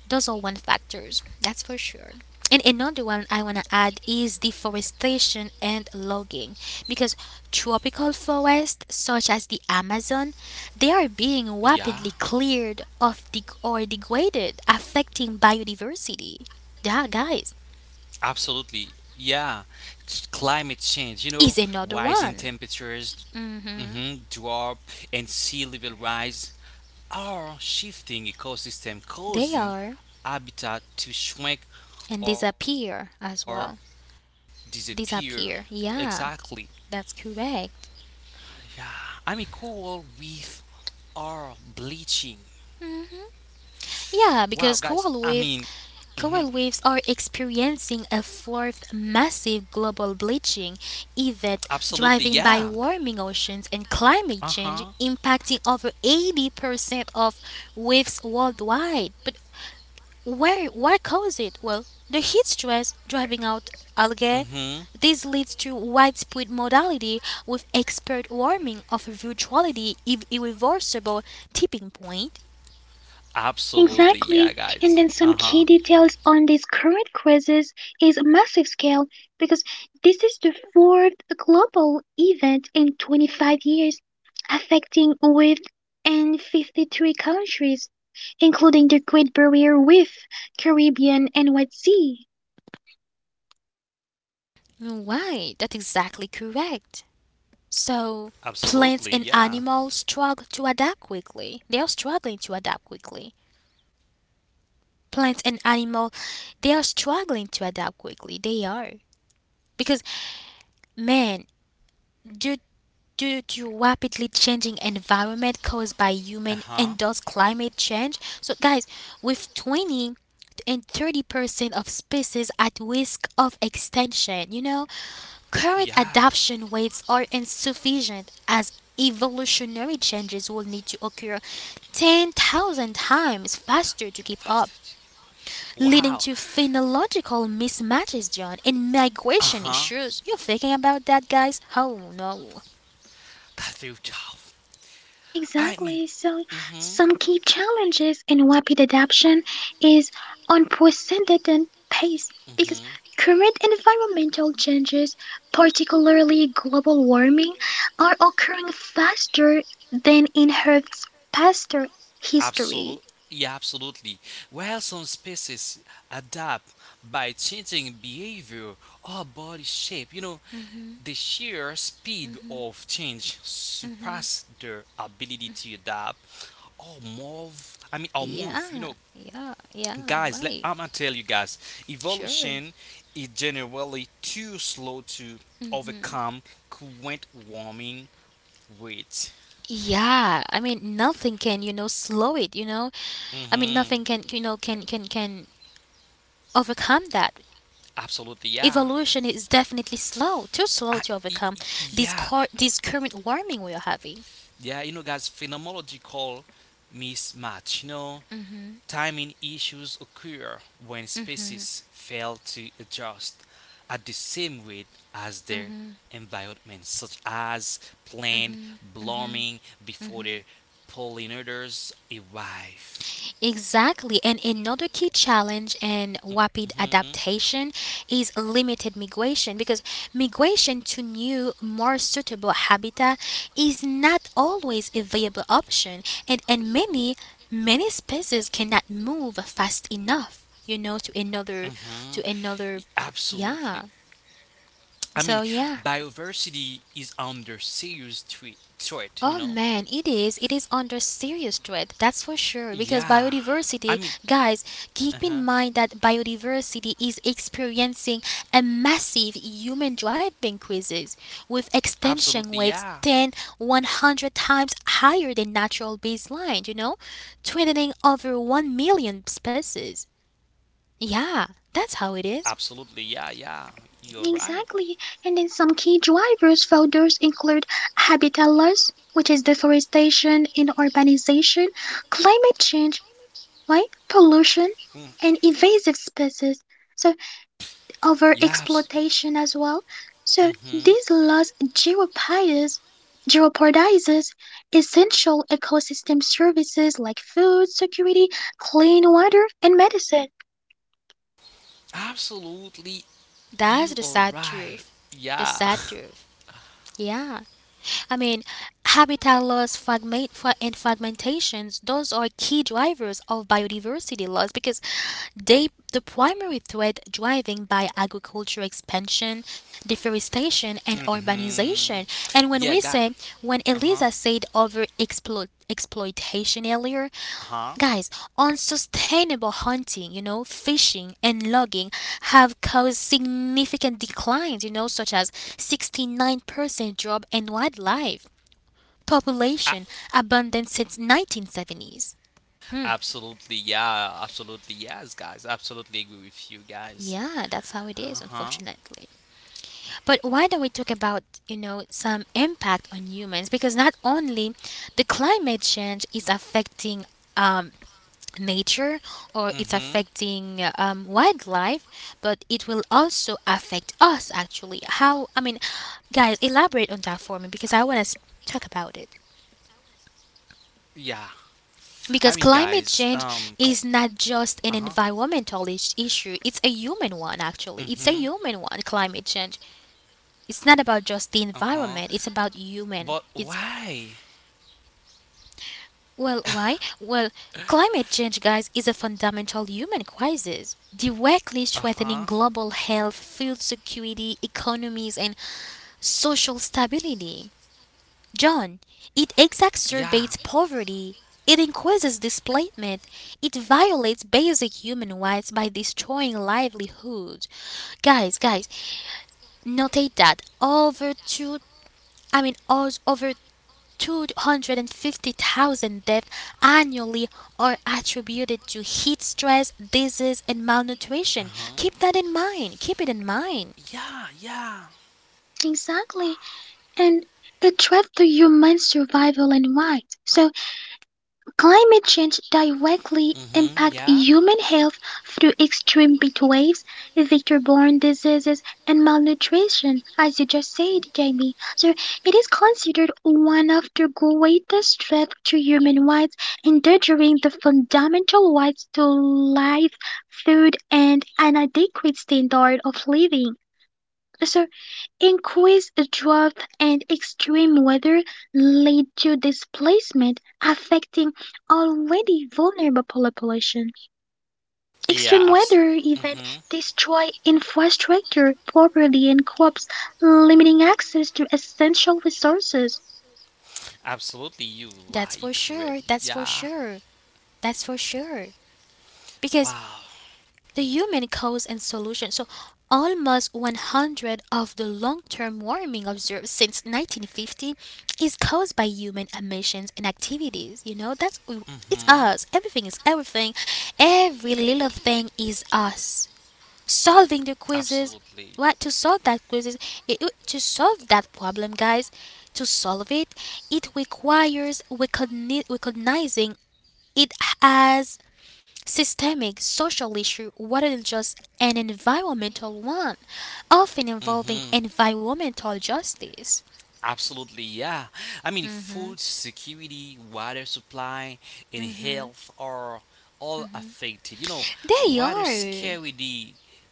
S1: those are one factors, that's for sure. And another one I want to add is deforestation and logging, because tropical forests such as the Amazon, they are being rapidly
S2: Yeah.
S1: cleared or degraded, affecting biodiversity. That, guys,
S2: Absolutely. Yeah. It's climate change, you know,
S1: is another
S2: rising
S1: one.
S2: temperatures,
S1: Mm-hmm.
S2: mhm, drop, and sea level rise are shifting ecosystem,
S1: They
S2: causing
S1: are,
S2: habitat to shrink or
S1: and
S2: disappear.
S1: disappear as well.
S2: Exactly.
S1: Disappear. Yeah,
S2: Yeah.
S1: that's
S2: I mean,
S1: correct.
S2: coral reef are bleaching. Wow, guys.
S1: Yeah, because
S2: Mhm,
S1: coral reef, coral reefs are experiencing a fourth massive global bleaching
S2: absolutely.
S1: event
S2: Yeah.
S1: driven by warming
S2: Uh
S1: oceans and
S2: huh.
S1: climate change, impacting over 80% of reefs worldwide. But where, what caused it? Well, the heat stress driving out
S2: Mhm.
S1: algae. This leads to widespread mortality, with expert warming of virtually irreversible tipping point.
S2: Absolutely. Yeah,
S3: Exactly.
S2: guys.
S3: And
S2: Uh
S3: then some
S2: huh.
S3: key details on these current crisis is a massive scale because this is the fourth global event in 25 years, affecting with and 53 countries, including the Great Barrier Reef, Caribbean, and White Sea.
S1: Right, that's exactly correct. So
S2: Absolutely.
S1: plants and
S2: Yeah.
S1: animals struggle to adapt quickly. They are struggling to adapt quickly. Plants and animals, they are struggling to adapt quickly. They are because man, due due to rapidly changing environment caused by
S2: Uh
S1: human
S2: huh.
S1: and thus climate change. So guys, with twenty and 30% of species at risk of extinction, current
S2: Yeah.
S1: adoption rates are insufficient as evolutionary changes will need to occur 10,000 times faster to keep up,
S2: Fastest. Wow.
S1: leading to phenological mismatches, John, and
S2: Uh
S1: migration
S2: huh.
S1: issues. You're thinking about that, guys? Oh no.
S2: That's so tough. I mean,
S3: Exactly. So,
S2: mm hmm.
S3: some key challenges in rapid adoption is unprecedented pace
S2: Mm
S3: because
S2: hmm.
S3: current environmental changes, particularly global warming, are occurring faster than in Earth's past history.
S2: Absolutely. Yeah, absolutely. While some species adapt by changing behavior or body shape, you know, the sheer speed of change surpasses their ability to adapt or move. You
S1: Yeah,
S2: know,
S1: yeah, yeah,
S2: guys,
S1: right.
S2: I'm gonna tell you guys,
S1: Sure.
S2: evolution is generally too slow to
S1: Mm-hmm.
S2: overcome current warming. Wait.
S1: Yeah, I mean nothing can, slow it, I mean
S2: Mm-hmm.
S1: nothing can, can overcome that.
S2: Absolutely, yeah.
S1: Evolution is definitely slow, too slow
S2: I,
S1: to overcome
S2: yeah,
S1: this current warming we are having.
S2: yeah. You know, guys, phenomenology mismatch. You know, timing issues occur when
S1: Hmm
S2: species fail to adjust at the same rate as their environment, such as plant blooming before the pollinators arrive.
S1: Exactly. And another key challenge in
S2: Mm-hmm.
S1: rapid adaptation is limited migration, because migration to new, more suitable habitat is not always a viable option. And many species cannot move fast enough,
S2: Mm-hmm.
S1: to another,
S2: Absolutely.
S1: yeah.
S2: I mean,
S1: So, yeah.
S2: biodiversity is under serious threat. Threat, you know.
S1: Oh man, it is. It is under serious threat, that's for
S2: Yeah.
S1: sure. Because
S2: I mean,
S1: biodiversity,
S2: uh
S1: guys,
S2: huh.
S1: keep in mind that biodiversity is experiencing a massive human driving crisis with
S2: Absolutely,
S1: extinction
S2: yeah.
S1: rates 100 times higher than natural baseline, you know, threatening over 1 million species. Yeah, that's how it is.
S2: Absolutely, yeah, yeah. You're right.
S3: Exactly. And then some key drivers for those include habitat loss, which is deforestation and urbanization, climate change, right? Pollution
S2: Mm.
S3: and invasive species, so
S2: Yeah.
S3: overexploitation as well. So
S2: Mm-hmm.
S3: these loss geopides jeopardizes essential ecosystem services like food security, clean water, and medicine.
S2: Absolutely,
S1: That's
S2: you
S1: the
S2: are
S1: sad
S2: right.
S1: truth. The
S2: Yeah.
S1: sad truth. Yeah. I mean, habitat loss fragment, fra- and fragmentations, those are key drivers of biodiversity loss because they the primary threat driving by agriculture expansion, deforestation, and urbanization.
S2: Mhm.
S1: And
S2: Yeah, got.
S1: when
S2: Uh huh.
S1: Elisa said exploitation earlier,
S2: Uh huh.
S1: guys, unsustainable hunting, you know, fishing and logging have caused significant declines, you know, such as 69% drop in wildlife
S2: A-
S1: population abundance since 1970s. Hmm.
S2: Absolutely. Yeah. Absolutely. Yes, guys. Absolutely agree with you guys.
S1: Yeah, that's how it is,
S2: Uh huh.
S1: unfortunately. But why don't we talk about, you know, some impact on humans? Because not only the climate change is affecting um, nature, or it's
S2: Mhm.
S1: affecting wildlife, but it will also affect us, actually. How, I mean, guys, elaborate on that for me because I want to talk about it.
S2: Yeah. I mean, guys,
S1: Because climate change is
S2: uh huh.
S1: not just an issue, it's a
S2: Mm
S1: human one,
S2: hmm.
S1: actually. It's a human one, climate change.
S2: Uh
S1: It's not
S2: huh.
S1: about just the environment,
S2: But
S1: it's about human.
S2: why?
S1: It's, well, why? Well, climate change, guys, is a fundamental human crisis,
S2: Uh
S1: directly
S2: huh.
S1: threatening global health, food security, economies, and social stability. John, it
S2: Yeah.
S1: exacerbates poverty. It increases displacement. It violates basic human rights by destroying livelihoods. Guys, notate that over two, I mean, os- over 250,000 deaths annually are attributed to heat stress, disease, and
S2: Uh huh.
S1: malnutrition. Keep that in mind. Keep it in mind.
S2: Yeah, yeah. Wow.
S3: Exactly, and it threats to human survival and rights. So climate change directly
S2: Mm-hmm.
S3: impacts
S2: Yeah.
S3: human health through extreme heat waves, vector-borne diseases, and malnutrition, as you just said, Jamie. So it is considered one of the greatest threats to human rights, endangering the fundamental rights to life, food, and an adequate standard of living. So, increased drought and extreme weather lead to displacement, affecting already vulnerable population. Extreme
S2: Yeah.
S3: weather
S2: Abs.
S3: events
S2: Mm-hmm.
S3: destroy infrastructure, property, and crops, limiting access to essential resources.
S2: Absolutely. You
S1: That's for
S2: are
S1: sure.
S2: correct.
S1: That's for
S2: Yeah.
S1: sure. That's for sure. Because
S2: Wow.
S1: the human cause and solution. So, almost 100 of the long-term warming observed since 1950 is caused by human emissions and activities. You know, that's it's
S2: Mm-hmm.
S1: us. Everything is everything. Every little thing is us. Solving the quizzes.
S2: Absolutely.
S1: What to solve that quizzes, it- To solve that problem, guys, to solve it, it requires recognizing it as systemic social issue rather than just an environmental one, often
S2: Hmm.
S1: involving environmental justice.
S2: Absolutely, yeah. I mean, food
S1: Hmm
S2: security, water supply, and
S1: hmm
S2: health are all affected. You know,
S1: They
S2: water
S1: are.
S2: scarcity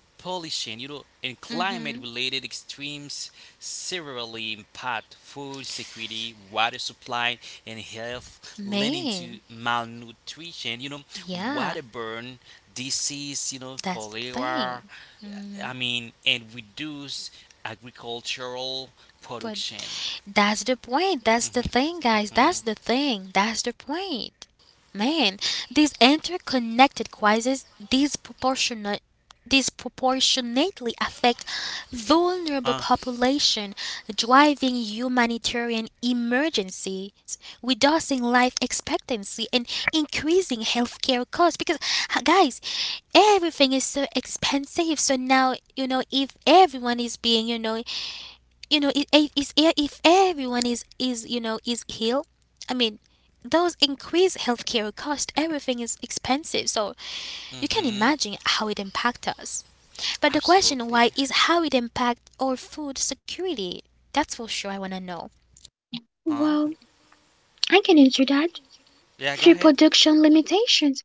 S2: pollution, you know, and
S1: Hmm
S2: climate-related extremes severely impact food security, water supply, and health, leading to
S1: Man,
S2: malnutrition, you know,
S1: yeah,
S2: water burn, disease, you know,
S1: that's the
S2: cholera,
S1: thing. Hmm
S2: and reduce agricultural
S1: But
S2: production.
S1: that's the point. That's the thing, guys. That's the thing. That's the point. Man, these interconnected crises disproportionately affect
S2: Uh,
S1: vulnerable population, driving humanitarian emergencies, reducing life expectancy and increasing healthcare costs, because h- guys everything is so expensive. So now, you know, if everyone is being, you know, you know, if everyone is you know is healed, I mean, those increased healthcare cost, everything is expensive. So you can
S2: mm-hmm,
S1: imagine how it impacts us. But the question why
S2: absolutely.
S1: is how it impacts our food security. That's for sure. I wanna know.
S2: Huh?
S3: Well, I can answer that.
S2: Yeah, go
S3: Through
S2: ahead.
S3: production limitations,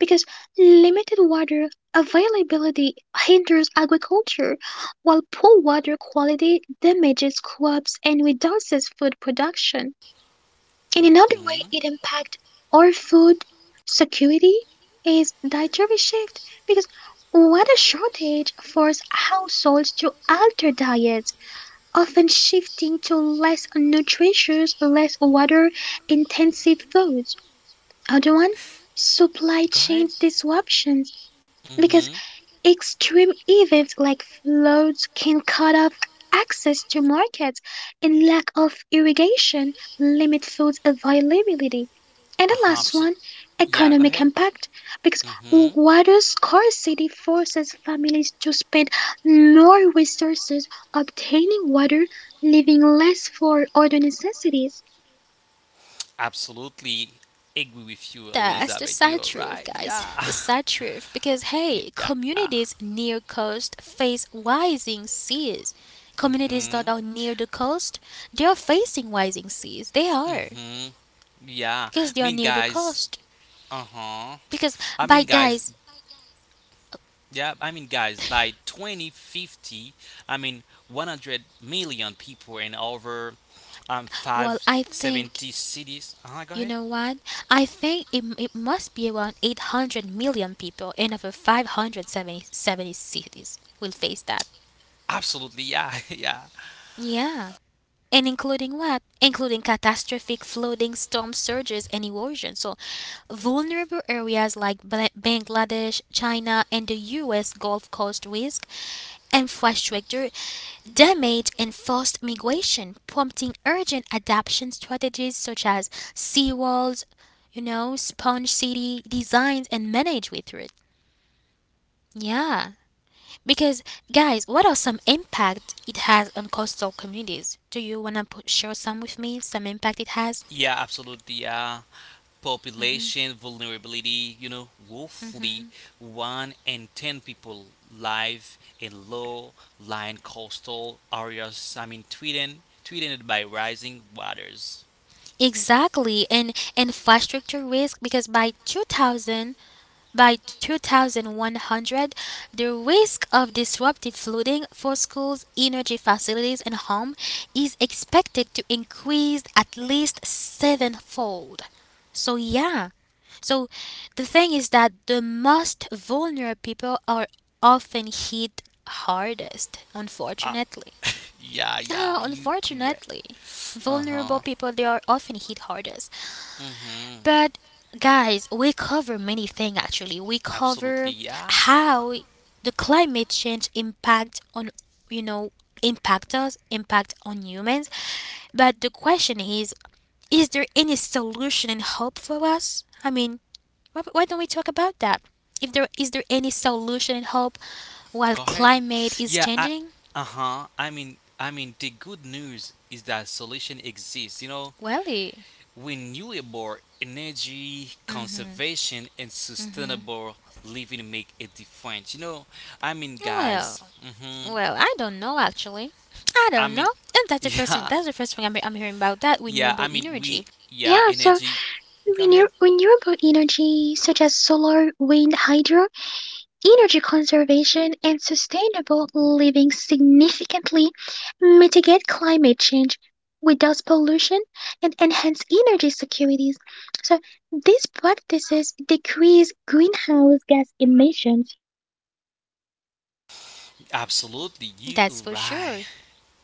S3: because limited water availability hinders agriculture, while poor water quality damages crops and reduces food production. In another way, it
S2: Hmm.
S3: impacts our food security is dietary shift because water shortage forces households to alter diets, often shifting to less nutritious, less water intensive foods. Other one, supply
S2: Go
S3: chain
S2: ahead.
S3: disruptions because
S2: Mm-hmm.
S3: extreme events like floods can cut off access to markets, and lack of irrigation limit food availability. And the last
S2: Uh-huh.
S3: one,
S2: Yeah,
S3: economic
S2: go ahead.
S3: impact, because
S2: Mm-hmm.
S3: water scarcity forces families to spend more resources obtaining water, leaving less for other necessities.
S2: Absolutely agree with you,
S1: That's the
S2: Elizabeth.
S1: sad
S2: You're
S1: truth,
S2: right.
S1: guys.
S2: Yeah.
S1: The sad truth. Because hey,
S2: Yeah.
S1: communities near coast face rising seas.
S2: Mm-hmm.
S1: Communities that are near the coast, they are facing rising seas. They are,
S2: Mm-hmm. Yeah. I
S1: because
S2: mean,
S1: they are near the
S2: guys.
S1: coast.
S2: Uh-huh.
S1: Because,
S2: I mean,
S1: by
S2: guys.
S1: guys,
S2: Yeah. I mean, guys. By 2050, 100 million people and over five
S1: well, I think
S2: seventy cities. Go
S1: you
S2: ahead.
S1: know what? I think it, it must be around 800 million people and over 570 cities will face that.
S2: Absolutely, yeah, yeah,
S1: Yeah. And including what? Including catastrophic flooding, storm surges, and erosion. So, vulnerable areas like Bangladesh, China, and the US Gulf Coast risk infrastructure damage and forced migration, prompting urgent adaptation strategies such as seawalls, you know, sponge city designs and manage with it. Yeah. Because guys, what are some impact it has on coastal communities? Do you want to share some with me? Some impact it has?
S2: yeah, absolutely, yeah. Population vulnerability, you know, roughly one in ten people live in low-lying coastal areas. Tweeted by rising waters.
S1: Exactly, and infrastructure risk because by 2100, the risk of disruptive flooding for schools, energy facilities, and homes is expected to increase at least sevenfold. So, yeah. So, the thing is that the most vulnerable people are often hit hardest,
S2: Ah,
S1: unfortunately.
S2: yeah, yeah,
S1: Ah,
S2: you
S1: unfortunately.
S2: correct. Uh huh.
S1: Vulnerable people, they are often hit hardest.
S2: Mm hmm.
S1: But guys, we cover many things actually. We
S2: Absolutely,
S1: cover
S2: yeah.
S1: how the climate change impact on, you know, impact us, impact on humans. But the question is there any solution and hope for us? I mean, why don't we talk about that? If there is there any solution and hope while
S2: Go ahead.
S1: climate is
S2: Yeah.
S1: changing?
S2: Uh-huh. The good news is that solution exists. You know,
S1: Well, eh,
S2: renewable energy, conservation, and sustainable living make a difference. You know, I mean,
S1: well.
S2: guys. Mm-hmm.
S1: Well, I don't know actually. I
S2: I
S1: don't know.
S2: mean,
S1: And that's the first thing,
S2: yeah,
S1: that's the first thing I'm hearing about that
S2: yeah.
S1: renewable energy.
S2: Yeah,
S3: Yeah, so
S2: energy. Go ahead.
S3: renewable energy such as solar, wind, hydro, energy conservation and sustainable living significantly mitigate climate change, reduce pollution, and enhance energy securities. So these practices decrease greenhouse gas emissions.
S2: Absolutely. You
S1: That's for
S2: right.
S1: sure.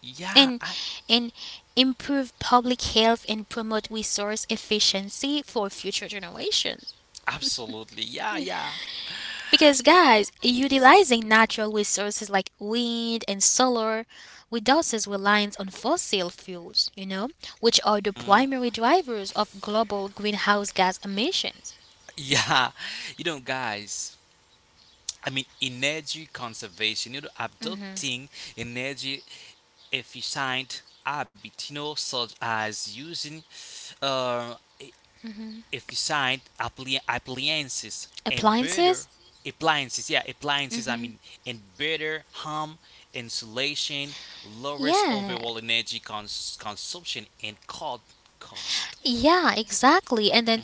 S2: Yeah.
S1: And and improve public health and promote resource efficiency for future generations.
S2: Absolutely. Yeah. Yeah.
S1: Because guys, utilizing natural resources like wind and solar reduces reliance on fossil fuels, you know, which are the primary drivers of global greenhouse gas emissions.
S2: Yeah. You know, guys. I mean, energy conservation, you know, adopting energy efficient habits, you know, such as using uh, e- efficient appliances and better
S1: Appliances?
S2: appliances,
S1: Mhm.
S2: and better home insulation, lowers
S1: Yeah,
S2: overall energy consumption and cut cost.
S1: yeah, exactly. And then,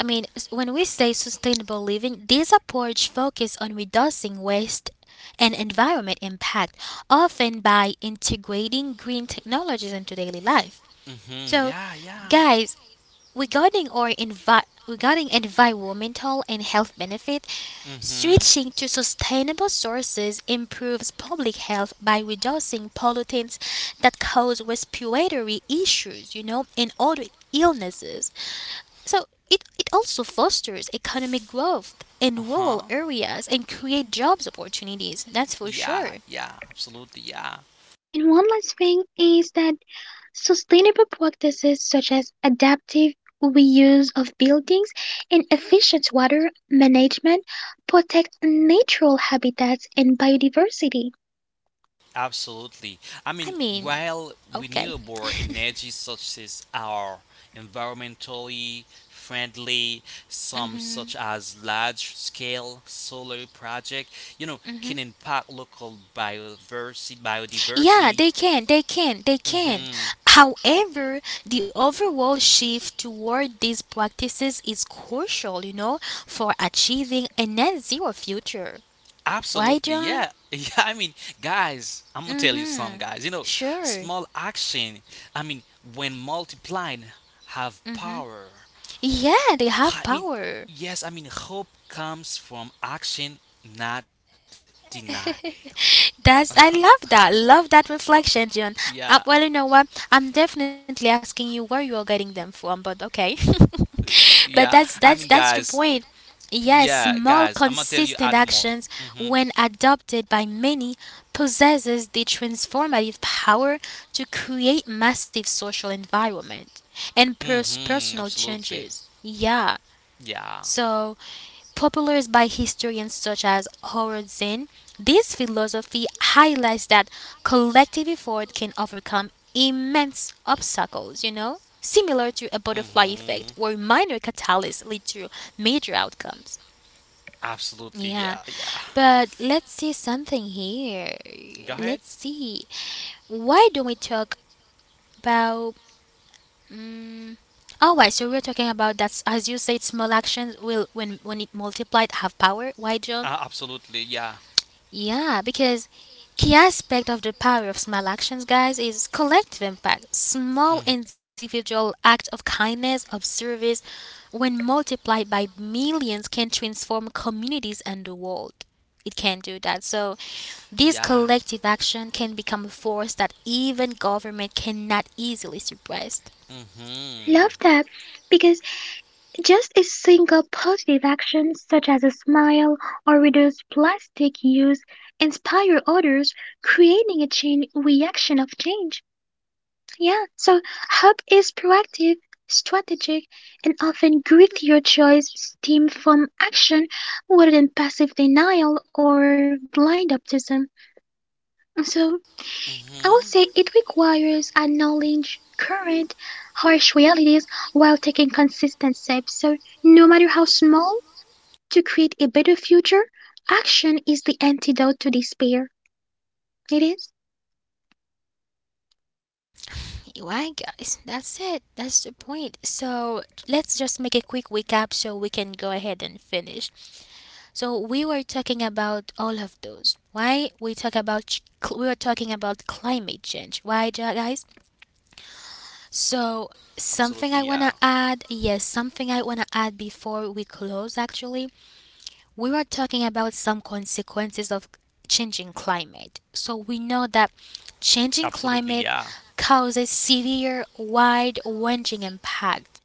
S1: I mean, when we say sustainable living, these approach focus on reducing waste and environment impact, often by integrating green technologies into daily life.
S2: Mm-hmm.
S1: So,
S2: Yeah, yeah.
S1: guys, regarding our regarding environmental and health benefit,
S2: Mm-hmm.
S1: switching to sustainable sources improves public health by reducing pollutants that cause respiratory issues, you know, and other illnesses. So it also fosters economic growth in rural
S2: Uh-huh.
S1: areas and create jobs opportunities. That's for
S2: Yeah,
S1: sure.
S2: yeah, absolutely, yeah.
S3: And one last thing is that sustainable practices such as adaptive reuse of buildings and efficient water management protect natural habitats and biodiversity.
S2: Absolutely. I
S1: I
S2: mean,
S1: mean,
S2: while
S1: okay.
S2: renewable energy sources are environmentally friendly, some such as large-scale solar project, you know, can impact local
S1: Yeah,
S2: biodiversity.
S1: they can.
S2: Hmm.
S1: However, the overall shift toward these practices is crucial, you know, for achieving a net zero future. Why,
S2: Absolutely.
S1: John?
S2: Yeah. Yeah. I mean, guys, I'm gonna
S1: Mm
S2: tell you some
S1: hmm.
S2: guys. You know,
S1: Sure.
S2: small action. I mean, when multiplying, have power.
S1: Yeah, they have
S2: I mean,
S1: power.
S2: Yes, hope comes from action, not denial.
S1: That's, I love that. Love that
S2: Yeah,
S1: reflection, John. Well, you know what? I'm definitely asking you where you are getting them from, but okay.
S2: yeah. I
S1: But
S2: mean,
S1: that's
S2: guys,
S1: that's the point.
S2: yeah,
S1: Yes,
S2: guys, I'm gonna
S1: small
S2: tell you add more.
S1: consistent actions, when adopted by many, possesses the transformative power to create massive social environment
S2: Hmm.
S1: and
S2: Hmm. Absolutely.
S1: personal changes. Yeah.
S2: Yeah.
S1: So popularized by historians such as Howard Zinn, this philosophy highlights that collective effort can overcome immense obstacles, you know, similar to a
S2: Hmm.
S1: butterfly effect where minor catalysts lead to major outcomes.
S2: Absolutely, yeah,
S1: Yeah,
S2: yeah.
S1: but let's see something here.
S2: Go ahead.
S1: Let's see. Why don't we talk about. Um, Oh, why? So we're talking about, that's as you say, small actions will, when it multiplied, have power. Why,
S2: Absolutely, yeah.
S1: yeah, because key aspect of the power of small actions, guys, is collective impact. Small
S2: Mhm.
S1: individual act of kindness, of service, when multiplied by millions, can transform communities and the world. It can do that. So this
S2: Yeah.
S1: collective action can become a force that even government cannot easily suppress.
S2: Mhm.
S3: Love that because just a single positive action such as a smile or reduce plastic use inspire others, creating a chain reaction of change. Yeah, so hope is proactive, strategic, and often grittier choice stem from action rather than passive denial or blind optimism. So I would say it
S2: Mhm.
S3: requires a knowledge current harsh realities while taking consistent steps. So no matter how small to create a better future, action is the antidote to despair. It is.
S1: Right, guys? That's it. That's the point. So let's just make a quick recap so we can go ahead and finish. So we were talking about all of those. Why we talk about we were talking about climate change. Why, guys? So
S2: Absolutely,
S1: something I
S2: yeah.
S1: wanna add. Yes, something I wanna add before we close. Actually, we were talking about some consequences of changing climate. So we know that
S2: Absolutely, yeah.
S1: changing climate causes severe, wide-ranging impact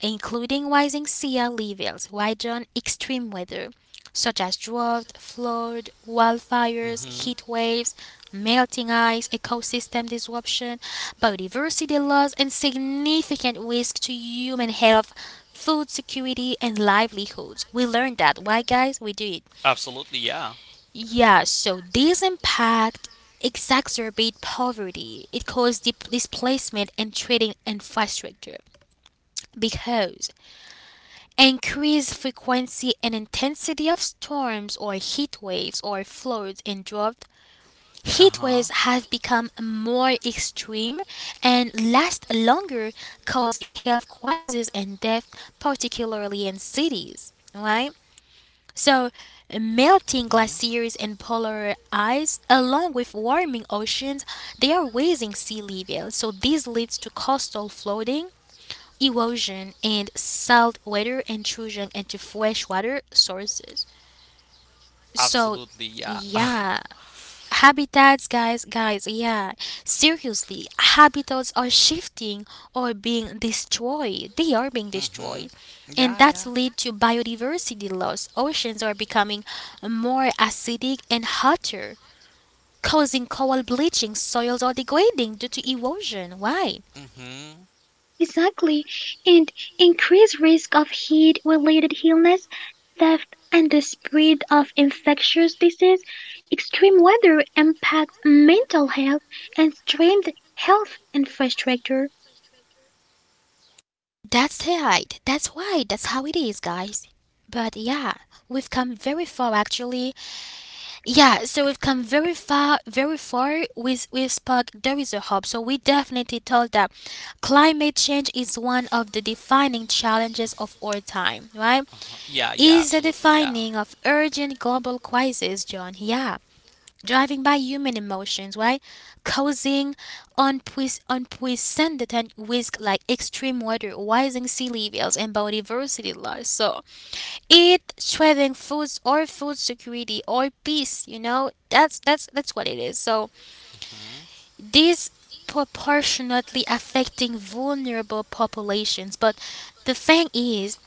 S1: including rising sea levels, weather on extreme weather, such as drought, flood,
S2: Mhm.
S1: wildfires, heat waves, melting ice, ecosystem disruption, biodiversity loss, and significant risk to human health, food security, and livelihoods. We learned that. Why, guys? We do it.
S2: Absolutely, yeah.
S1: Yeah, so these impact exacerbate poverty. It causes displacement and trading infrastructure because increased frequency and intensity of storms or heat waves or floods and drought.
S2: Uh huh.
S1: Heat waves have become more extreme and last longer, causing health crises and death, particularly in cities. Right? So,
S2: Mhm.
S1: melting glaciers and polar ice, along with warming oceans, they are raising sea level. So, this leads to coastal flooding, erosion and saltwater intrusion into freshwater sources.
S2: Absolutely, yeah.
S1: So, yeah, habitats, guys, guys, yeah. Seriously, habitats are shifting or being destroyed. They are being
S2: Hmm.
S1: destroyed.
S2: Yeah,
S1: And
S2: yeah.
S1: that's lead to biodiversity loss. Oceans are becoming more acidic and hotter, causing coral bleaching. Soils are degrading due to erosion. Why?
S2: Hmm.
S3: Exactly. And increased risk of heat related illness, theft, and the spread of infectious disease. Extreme weather impacts mental health and strained health infrastructure.
S1: That's right. That's why. That's how it is, guys. But yeah, we've come very far actually. Yeah, so we've come very far, very far with Spark. There is a hope. So we definitely told that climate change is one of the defining challenges of our time, right?
S2: Uh-huh. Yeah, yeah,
S1: Is the
S2: absolutely, yeah.
S1: defining of urgent global crisis, John. Yeah, driving by human emotions, right? Causing unprecedented risk like extreme weather, rising sea levels, and biodiversity loss. So it threatening foods or food security or peace. You know that's that's what it is. So
S2: Hmm.
S1: this proportionately affecting vulnerable populations, but the thing is,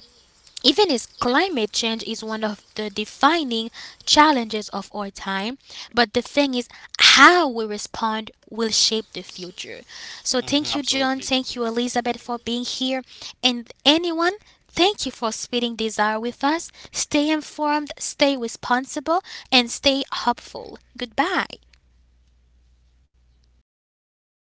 S1: even as climate change is one of the defining challenges of our time, but the thing is, how we respond will shape the future.
S2: Hmm.
S1: So, thank you,
S2: Absolutely.
S1: John. Thank you, Elizabeth, for being here. And anyone, thank you for spreading desire with us. Stay informed, stay responsible, and stay hopeful. Goodbye.